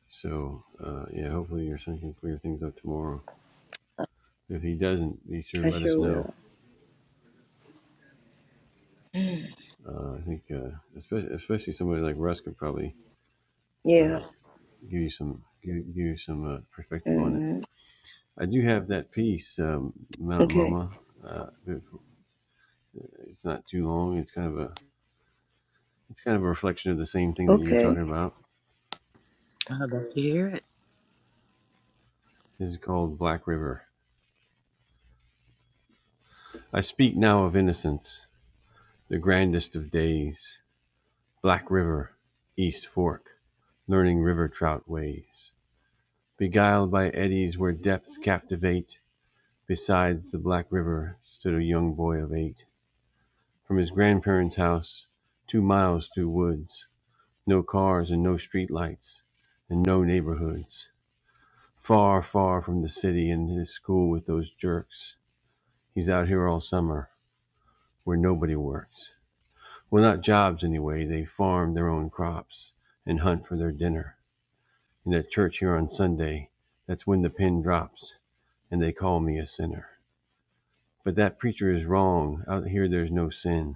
So, uh, yeah, hopefully your son can clear things up tomorrow. If he doesn't, be sure I to let us sure know. will. Uh, I think, uh, especially, especially somebody like Russ could probably Yeah. uh, give you some give, give you some uh, perspective on it. Mhm. I do have that piece, um, Mount Okay. Mama. Uh, it's not too long. It's kind of a it's kind of a reflection of the same thing that you're talking Okay. about. I'd love to hear it. This is called Black River. I speak now of innocence, the grandest of days. Black River, East Fork, learning river trout ways, beguiled by eddies where depths captivate Besides the Black River stood a young boy of eight. From his grandparents' house, two miles through woods, no cars and no street lights, and no neighborhoods. Far, far from the city and his school with those jerks. He's out here all summer, where nobody works. Well, not jobs anyway. They farm their own crops and hunt for their dinner. And at church here on Sunday, that's when the pin drops, and they call me a sinner. But that preacher is wrong. Out here, there's no sin.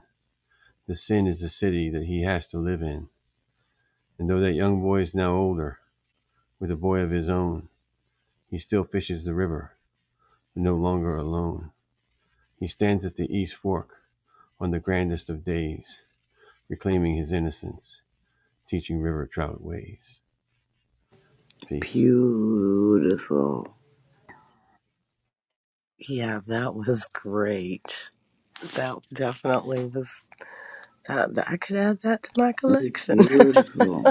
The sin is the city that he has to live in. And though that young boy is now older, with a boy of his own, he still fishes the river, but no longer alone. He stands at the East Fork on the grandest of days, reclaiming his innocence, teaching river trout ways. Peace. Beautiful. Yeah, that was great. That definitely was. I, I could add that to my collection. Beautiful.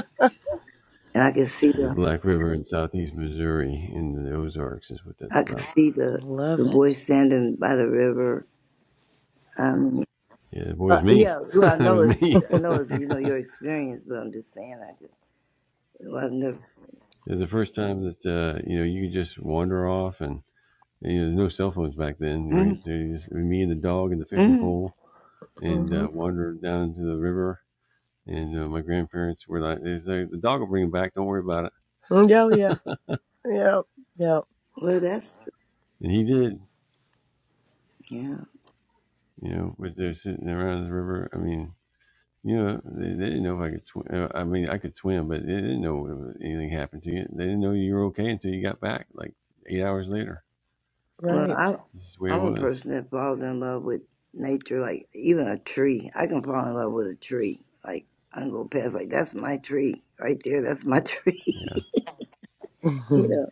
And I can see The the Black River in southeast Missouri in the Ozarks is what that's I can about. see the Love the it. boy standing by the river. Um Yeah, that boy uh, is me. yeah, well I that know was it's me. I know it's it you know your experience, but I'm just saying I could well, I've never seen was the first time that, uh, you know, you could just wander off and you know, there's no cell phones back then, right? mm, So you just, me and the dog and the fishing mm. pole and Mm-hmm. uh, wandered down into the river. And uh, my grandparents were like, they say, the dog will bring him back. Don't worry about it. Oh yeah, yeah, yeah. Well that's true. And he did, Yeah. you know, but they're sitting around the river. I mean, you know, they, they didn't know if I could swim. Uh, I mean, I could swim, but they didn't know if anything happened to you. They didn't know you were okay until you got back, like eight hours later. Well Right. I This is the way it I'm a was. person that falls in love with nature, like even a tree. I can fall in love with a tree. Like I can go past like that's my tree right there, that's my tree. Yeah, you know,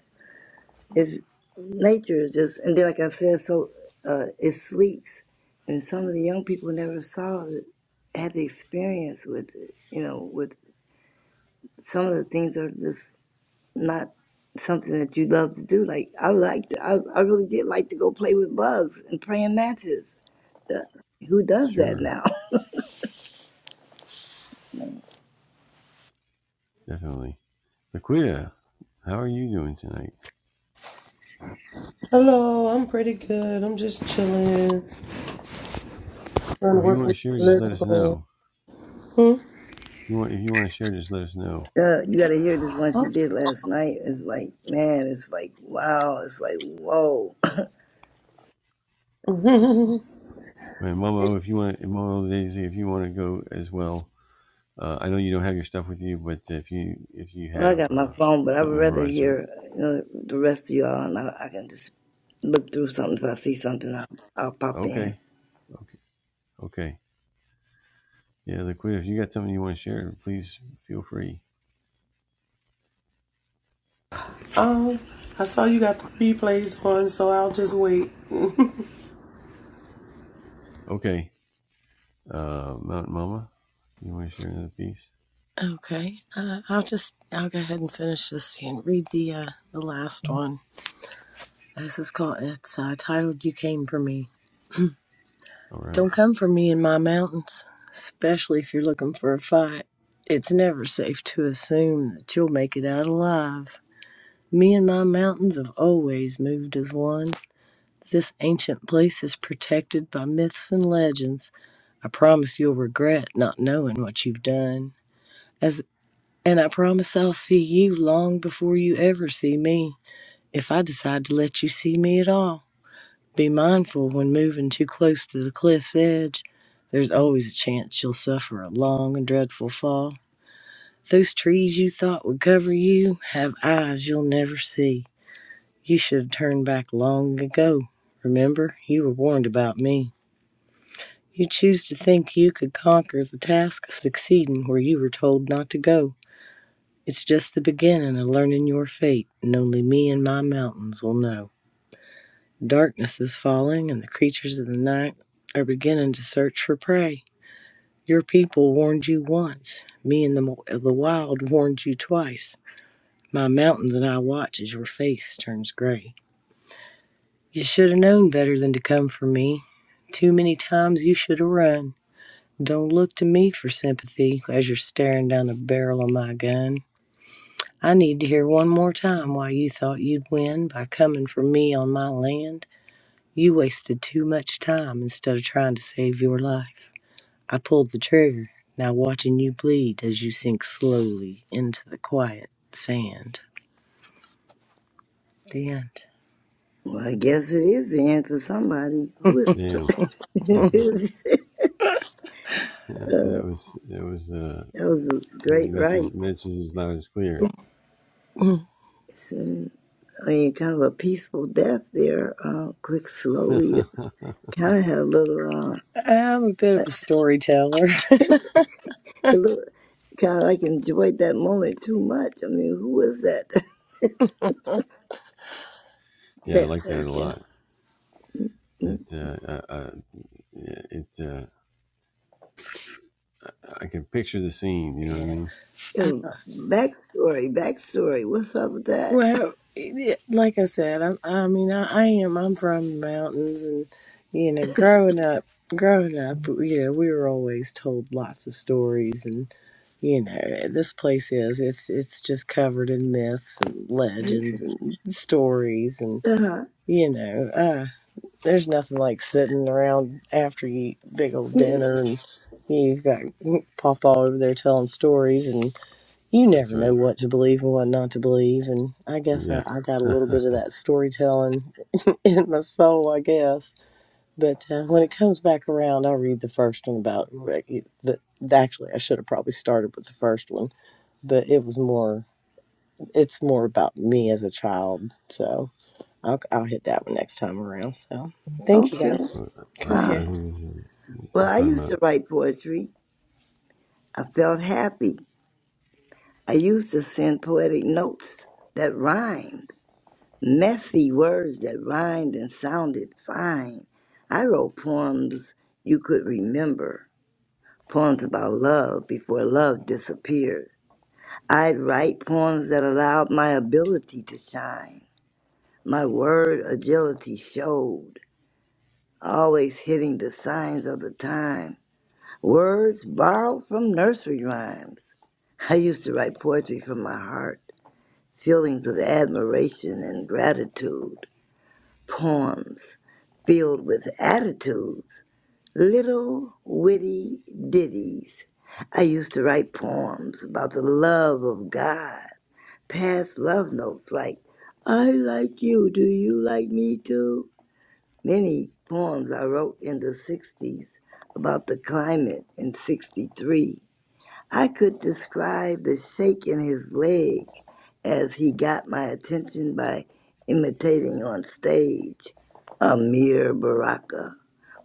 it's nature is just, and then like I said, so uh, it sleeps, and some of the young people never saw it, had the experience with it, you know, with some of the things are just not something that you love to do. Like I liked, I, I really did like to go play with bugs and praying mantis. Uh, who does that sure. now? Definitely. Laquita, how are you doing tonight? Hello, I'm pretty good. I'm just chilling. Trying to Well, if you work want to with share, the just let us lesson know. plan. you want if you want to share, just let us know. Uh, you got to hear this one she Hmm? did last night. It's like, man, it's like, wow, it's like, whoa Huh? And Mama O, if you want, Mama O Daisy, if you want to go as well, uh, I know you don't have your stuff with you, but if you if you Well, I have got my uh, phone, but I'd something rather memorized, or hear you know, the rest of y'all, and I, I can just look through something. If I see something, I'll, I'll pop in. okay, okay, okay, yeah, liquid. If you got something you want to share, please feel free. um, I saw you got the replays on, so I'll just wait. Okay, uh, Mountain Mama, you want to share another piece? Okay. Uh, I'll just I'll go ahead and finish this and read the uh, the last one. This is called it's uh, titled "You Came for Me." All right, Don't come for me in my mountains, especially if you're looking for a fight. It's never safe to assume that you'll make it out alive. Me and my mountains have always moved as one. This ancient place is protected by myths and legends. I promise you'll regret not knowing what you've done. As And I promise I'll see you long before you ever see me, if I decide to let you see me at all. Be mindful when moving too close to the cliff's edge. There's always a chance you'll suffer a long and dreadful fall. Those trees you thought would cover you have eyes you'll never see. You should have turned back long ago. Remember, you were warned about me. You choose to think you could conquer the task of succeeding where you were told not to go. It's just the beginning of learning your fate, and only me and my mountains will know. Darkness is falling, and the creatures of the night are beginning to search for prey. Your people warned you once. Me and the, the wild warned you twice. My mountains and I watch as your face turns gray. You should have known better than to come for me. Too many times you should have run. Don't look to me for sympathy as you're staring down the barrel of my gun. I need to hear one more time why you thought you'd win by coming for me on my land. You wasted too much time instead of trying to save your life. I pulled the trigger, now watching you bleed as you sink slowly into the quiet sand. The end. Well, I guess it is the end for somebody. Who is? damn, uh, that was that was uh, that was a I think the great, message right? message is loud and clear. Mm. I mean, kind of a peaceful death there. Uh, quick, slowly. It kind of had a little. Uh, I'm a bit of a storyteller. it looked kind of like enjoyed that moment too much. I mean, who was that? yeah, I that Yeah, like that a thank you. lot. It mm, uh, uh, uh, yeah, it. uh, I can picture the scene. You know what I Yeah. mean? you know, backstory, backstory. What's up with that? Well, it- like I said, I'm, I mean, I, I am. I'm from the mountains, and you know, growing up, growing up, you know, we were always told lots of stories, and you know, this place is it's it's just covered in myths and Uh, legends and stories, and yeah, you know, uh, there's nothing like sitting around after you eat big old dinner, and you've got Papa over there telling stories, and you That's never know right. what to believe and what not to believe. And I guess I, Yeah. I got a little bit of that storytelling in my soul, I guess. But uh, when it comes back around, I'll read the first one about the. Actually, I should have probably started with the first one, but it was more. It's more about me as a child, so I'll I'll hit that one next time around. So thank you okay. guys. Go Wow. I, I ahead. think this is this Well, is I probably used my. to write poetry. I felt happy. I used to send poetic notes that rhymed, messy words that rhymed and sounded fine. I wrote poems you could remember, poems about love before love disappeared. I'd write poems that allowed my ability to shine. My word agility showed, always hitting the signs of the time Words borrowed from nursery rhymes. I used to write poetry from my heart, feelings of admiration and gratitude, poems filled with attitudes, little witty ditties. I used to write poems about the love of God, past love notes like, I like you, do you like me too? Many poems I wrote in the 60s about the climate in 63 I could describe the shake in his leg as he got my attention by imitating on stage. Amir Baraka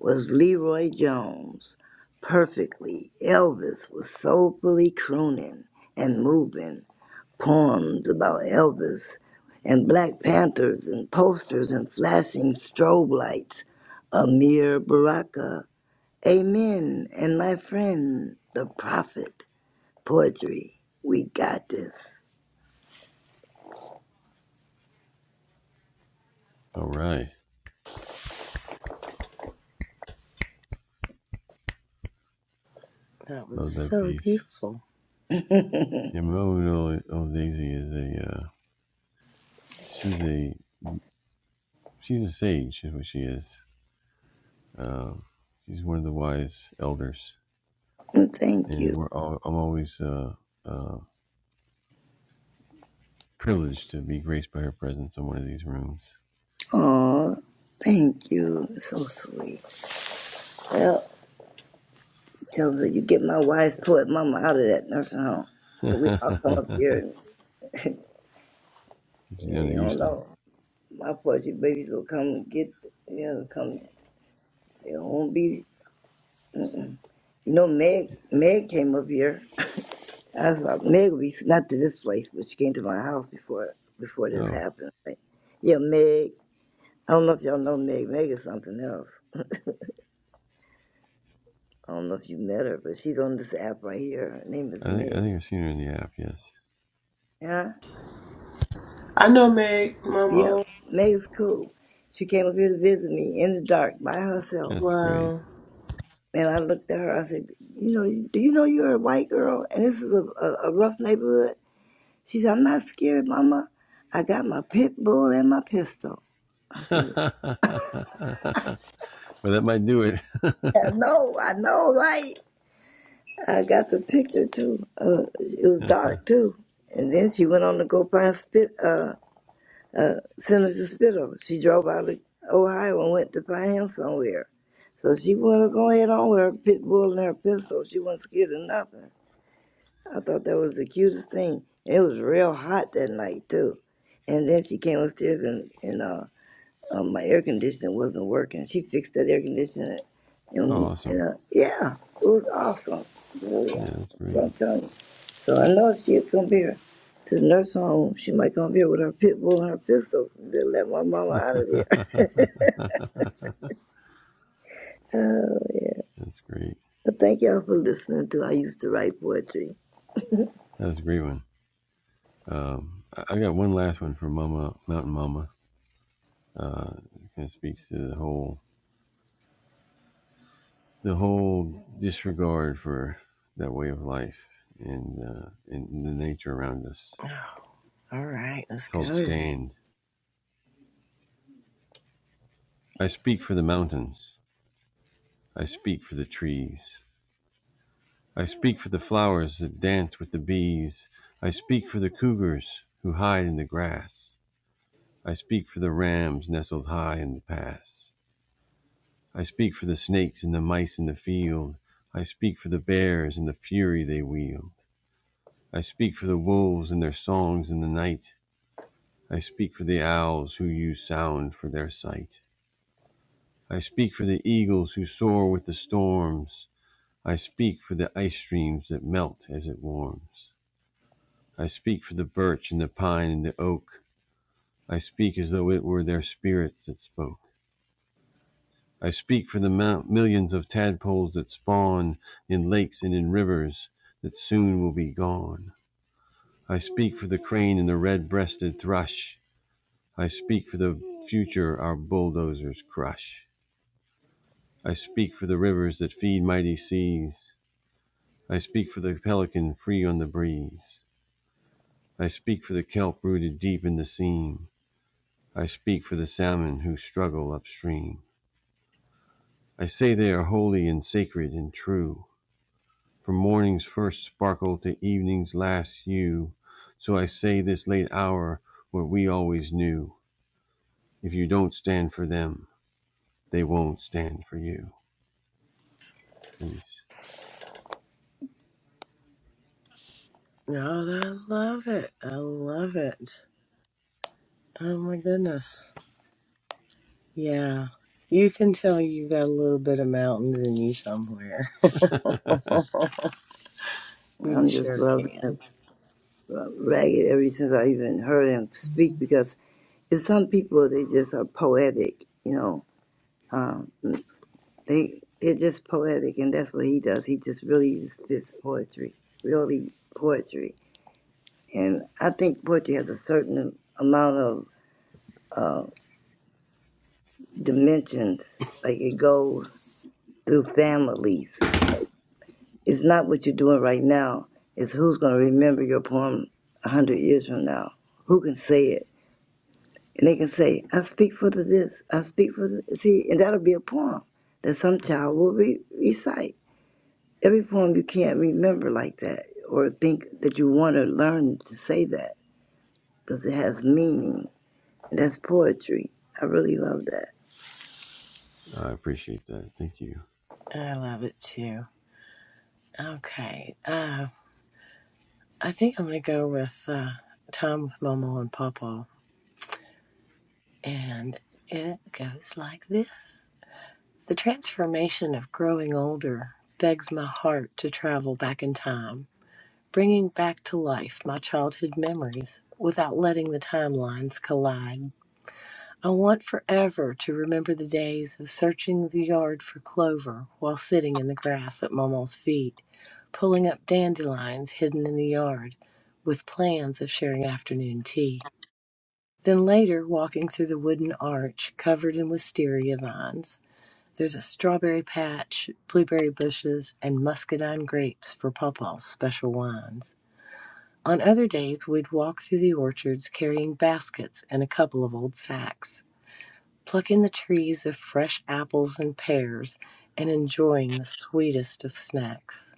was Leroy Jones perfectly. Elvis was soulfully crooning and moving poems about Elvis and Black Panthers and posters and flashing strobe lights. Amir Baraka, Amen, and my friend, the prophet poetry. We got this. All right, That was love that so piece. beautiful. Yeah, Mono old old Daisy is a uh, she's a she's a sage is what she is. Um, she's one of the wise elders, And thank and you. we're all, I'm always uh, uh, privileged to be graced by her presence in one of these rooms. Aw, thank you. So sweet. Well, tell her you get my wise poet mama out of that nursing home. But Get we all come up here and you yeah, down to you don't Houston. know. My poetry babies will come and get, you know, come. They won't be. Mm-mm. You know, Meg, Meg came up here. I thought Meg would be, not to this place, but she came to my house before before this Oh, happened. Right? Yeah, Meg. I don't know if y'all know Meg. Meg is something else. I don't know if you met her, but she's on this app right here. Her name is I think I Meg. think I've seen her in the app. Yes, Yeah? I know, Meg. Yep. Mama. Oh, Meg's cool. She came up here to visit me in the dark by herself. that's great. wow. And I looked at her. I said, You know, do you know you're a white girl? And this is a, a, a rough neighborhood. She said, I'm not scared, Mama. I got my pit bull and my pistol. I said, well, that might do it. I know, I know, right? I got the picture too. Uh, it was oh, dark too. And then she went on to go find spit. uh, uh, Senator Spittle. She drove out of Ohio and went to find him somewhere. So she wanted to go ahead on with her pit bull and her pistol. She wasn't scared of nothing. I thought that was the cutest thing. And it was real hot that night, too. And then she came upstairs and, and uh, um, my air conditioner wasn't working. She fixed that air conditioner, and, and awesome. uh, yeah, it was awesome. Really Yeah, that's awesome, great. I'm telling you. So I know if she'd come here to the nurse home, she might come here with her pit bull and her pistol to let my mama out of there. that's Uh, great. but thank y'all for listening to. I used to write poetry. That was a great one. Um, I got one last one for Mama Mountain Mama. Uh, it kind of speaks to the whole the whole disregard for that way of life and uh, and the nature around us. All right, let's It's called go. stand. I speak for the mountains. I speak for the trees. I speak for the flowers that dance with the bees. I speak for the cougars who hide in the grass. I speak for the rams nestled high in the pass. I speak for the snakes and the mice in the field. I speak for the bears and the fury they wield. I speak for the wolves and their songs in the night. I speak for the owls who use sound for their sight. I speak for the eagles who soar with the storms. I speak for the ice streams that melt as it warms. I speak for the birch and the pine and the oak. I speak as though it were their spirits that spoke. I speak for the mount- millions of tadpoles that spawn in lakes and in rivers that soon will be gone. I speak for the crane and the red breasted thrush. I speak for the future our bulldozers crush. I speak for the rivers that feed mighty seas. I speak for the pelican free on the breeze. I speak for the kelp rooted deep in the seam. I speak for the salmon who struggle upstream. I say they are holy and sacred and true, from morning's first sparkle to evening's last hue. So I say this late hour what we always knew. If you don't stand for them, they won't stand for you. Peace. No, I love it. I love it. Oh my goodness. Yeah. You can tell you got a little bit of mountains in you somewhere. you I'm just sure loving it, can. uh, ragged ever since I even heard him speak because it's some people they just are poetic, you know. Um, They it's just poetic, and that's what he does. He just really spits poetry, really poetry. And I think poetry has a certain amount of uh, dimensions. Like it goes through families. It's not what you're doing right now. It's who's going to remember your poem a hundred years from now. Who can say it? And they can say, "I speak for the this. I speak for the see," and that'll be a poem that some child will re- recite Every poem you can't remember like that or think that you want to learn to say that because it has meaning. And that's poetry. I really love that. I appreciate that. Thank you. I love it too. Okay. Uh, I think I'm going to go with uh, Time with Momo and Papa. And it goes like this The transformation of growing older begs my heart to travel back in time, bringing back to life my childhood memories without letting the timelines collide. I want forever to remember the days of searching the yard for clover while sitting in the grass at Momma's feet, pulling up dandelions hidden in the yard, with plans of sharing afternoon tea. Then later, walking through the wooden arch covered in wisteria vines. There's a strawberry patch, blueberry bushes, and muscadine grapes for Pawpaw's special wines. On other days, we'd walk through the orchards carrying baskets and a couple of old sacks plucking the trees of fresh apples and pears, and enjoying the sweetest of snacks.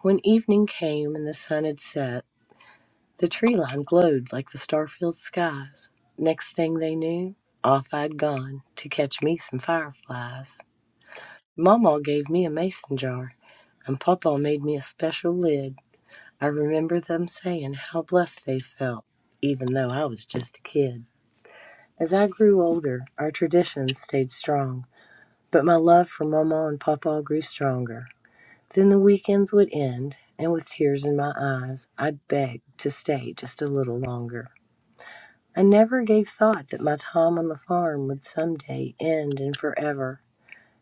When evening came and the sun had set, the tree line glowed like the star-filled skies. Next thing they knew, off I'd gone to catch me some fireflies. Mama gave me a mason jar, and Papa made me a special lid. I remember them saying how blessed they felt, even though I was just a kid. As I grew older, our traditions stayed strong. But my love for Mama and Papa grew stronger. Then the weekends would end, and with tears in my eyes, I'd beg to stay just a little longer. I never gave thought that my time on the farm would someday end and forever.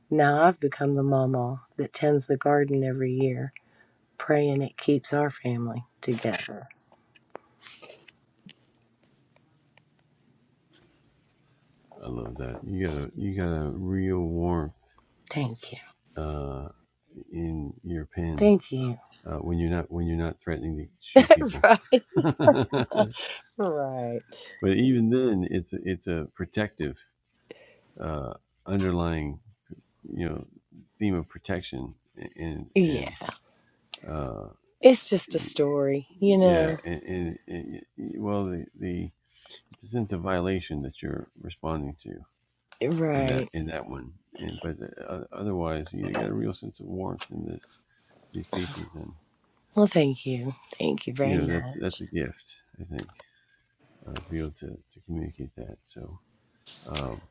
Now I've become the Mama that tends the garden every year, praying it keeps our family together. I love that. You got a you got a real warmth Thank you. uh, in your pen Thank you. uh, when you're not when you're not threatening to shoot people. right. Right. but even then it's it's a protective uh, underlying you know theme of protection and Yeah. and uh, It's just a story, you yeah know. and, and, and well the, the it's a sense of violation that you're responding to in that Right. in that one and but uh, otherwise you got a real sense of warmth in this these pieces and Well, thank you. Thank you you very know that's much. that's a gift I think uh, to be able to, to communicate that so um,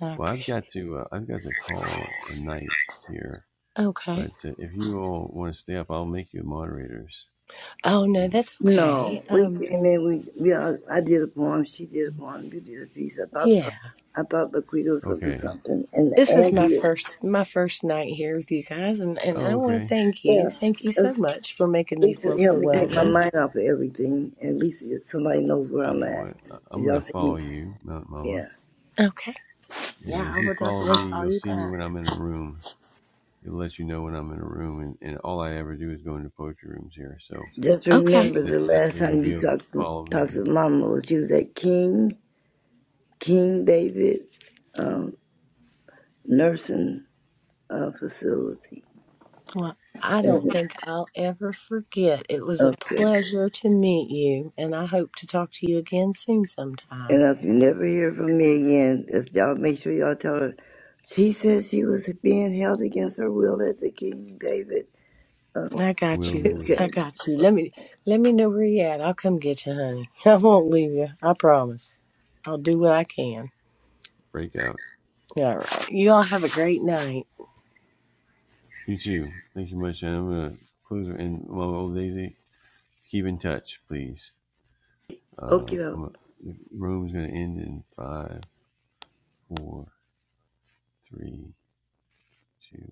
I well I've appreciate got to uh, I've got to call a night here it. Okay. But uh, if you all want to stay up, I'll make you moderators. Oh no, And, that's okay. No, we Um came in. We yeah, I did a poem. She did a poem. You did a piece. I thought yeah. I thought Laquita was gonna do okay. something, and This is Yeah. my Andy, first my first night here with you guys and, and I Oh, wanna okay. thank you. yeah, Thank you so that's- much for making me feel Lisa so helped me take my Yeah. welcome. mind off of everything. And at least somebody knows where I'm You know at. what? I- If I'm y'all going to see follow me, you, Mount Mama. yeah. Okay. And Yeah, if I you will follow definitely me, call you'll you see me back. when I'm in a room. It'll let you know when I'm in a room. And, and all I ever do is go into poetry rooms here. So Just Okay. it, remember the that, that last way you'll time you be able to talked to, follow me talked to into Mama was she was at King King David um, nursing uh, facility. Well, I don't And, think I'll ever forget. It was a okay. pleasure to meet you and I hope to talk to you again soon sometime. And if you never hear from me again, just y'all make sure y'all tell her. She said she was being held against her will at the King David. I got Will you. Do Okay. I got you. Let me let me know where you at. I'll come get you, honey. I won't leave you. I promise. I'll do what I can. Breakout. All right. You all have a great night. You too. Thank you much. And I'm going to close. And Mama Old Daisy, keep in touch, please. Uh, Okay. I'm, the room's going to end in five, four, three, two,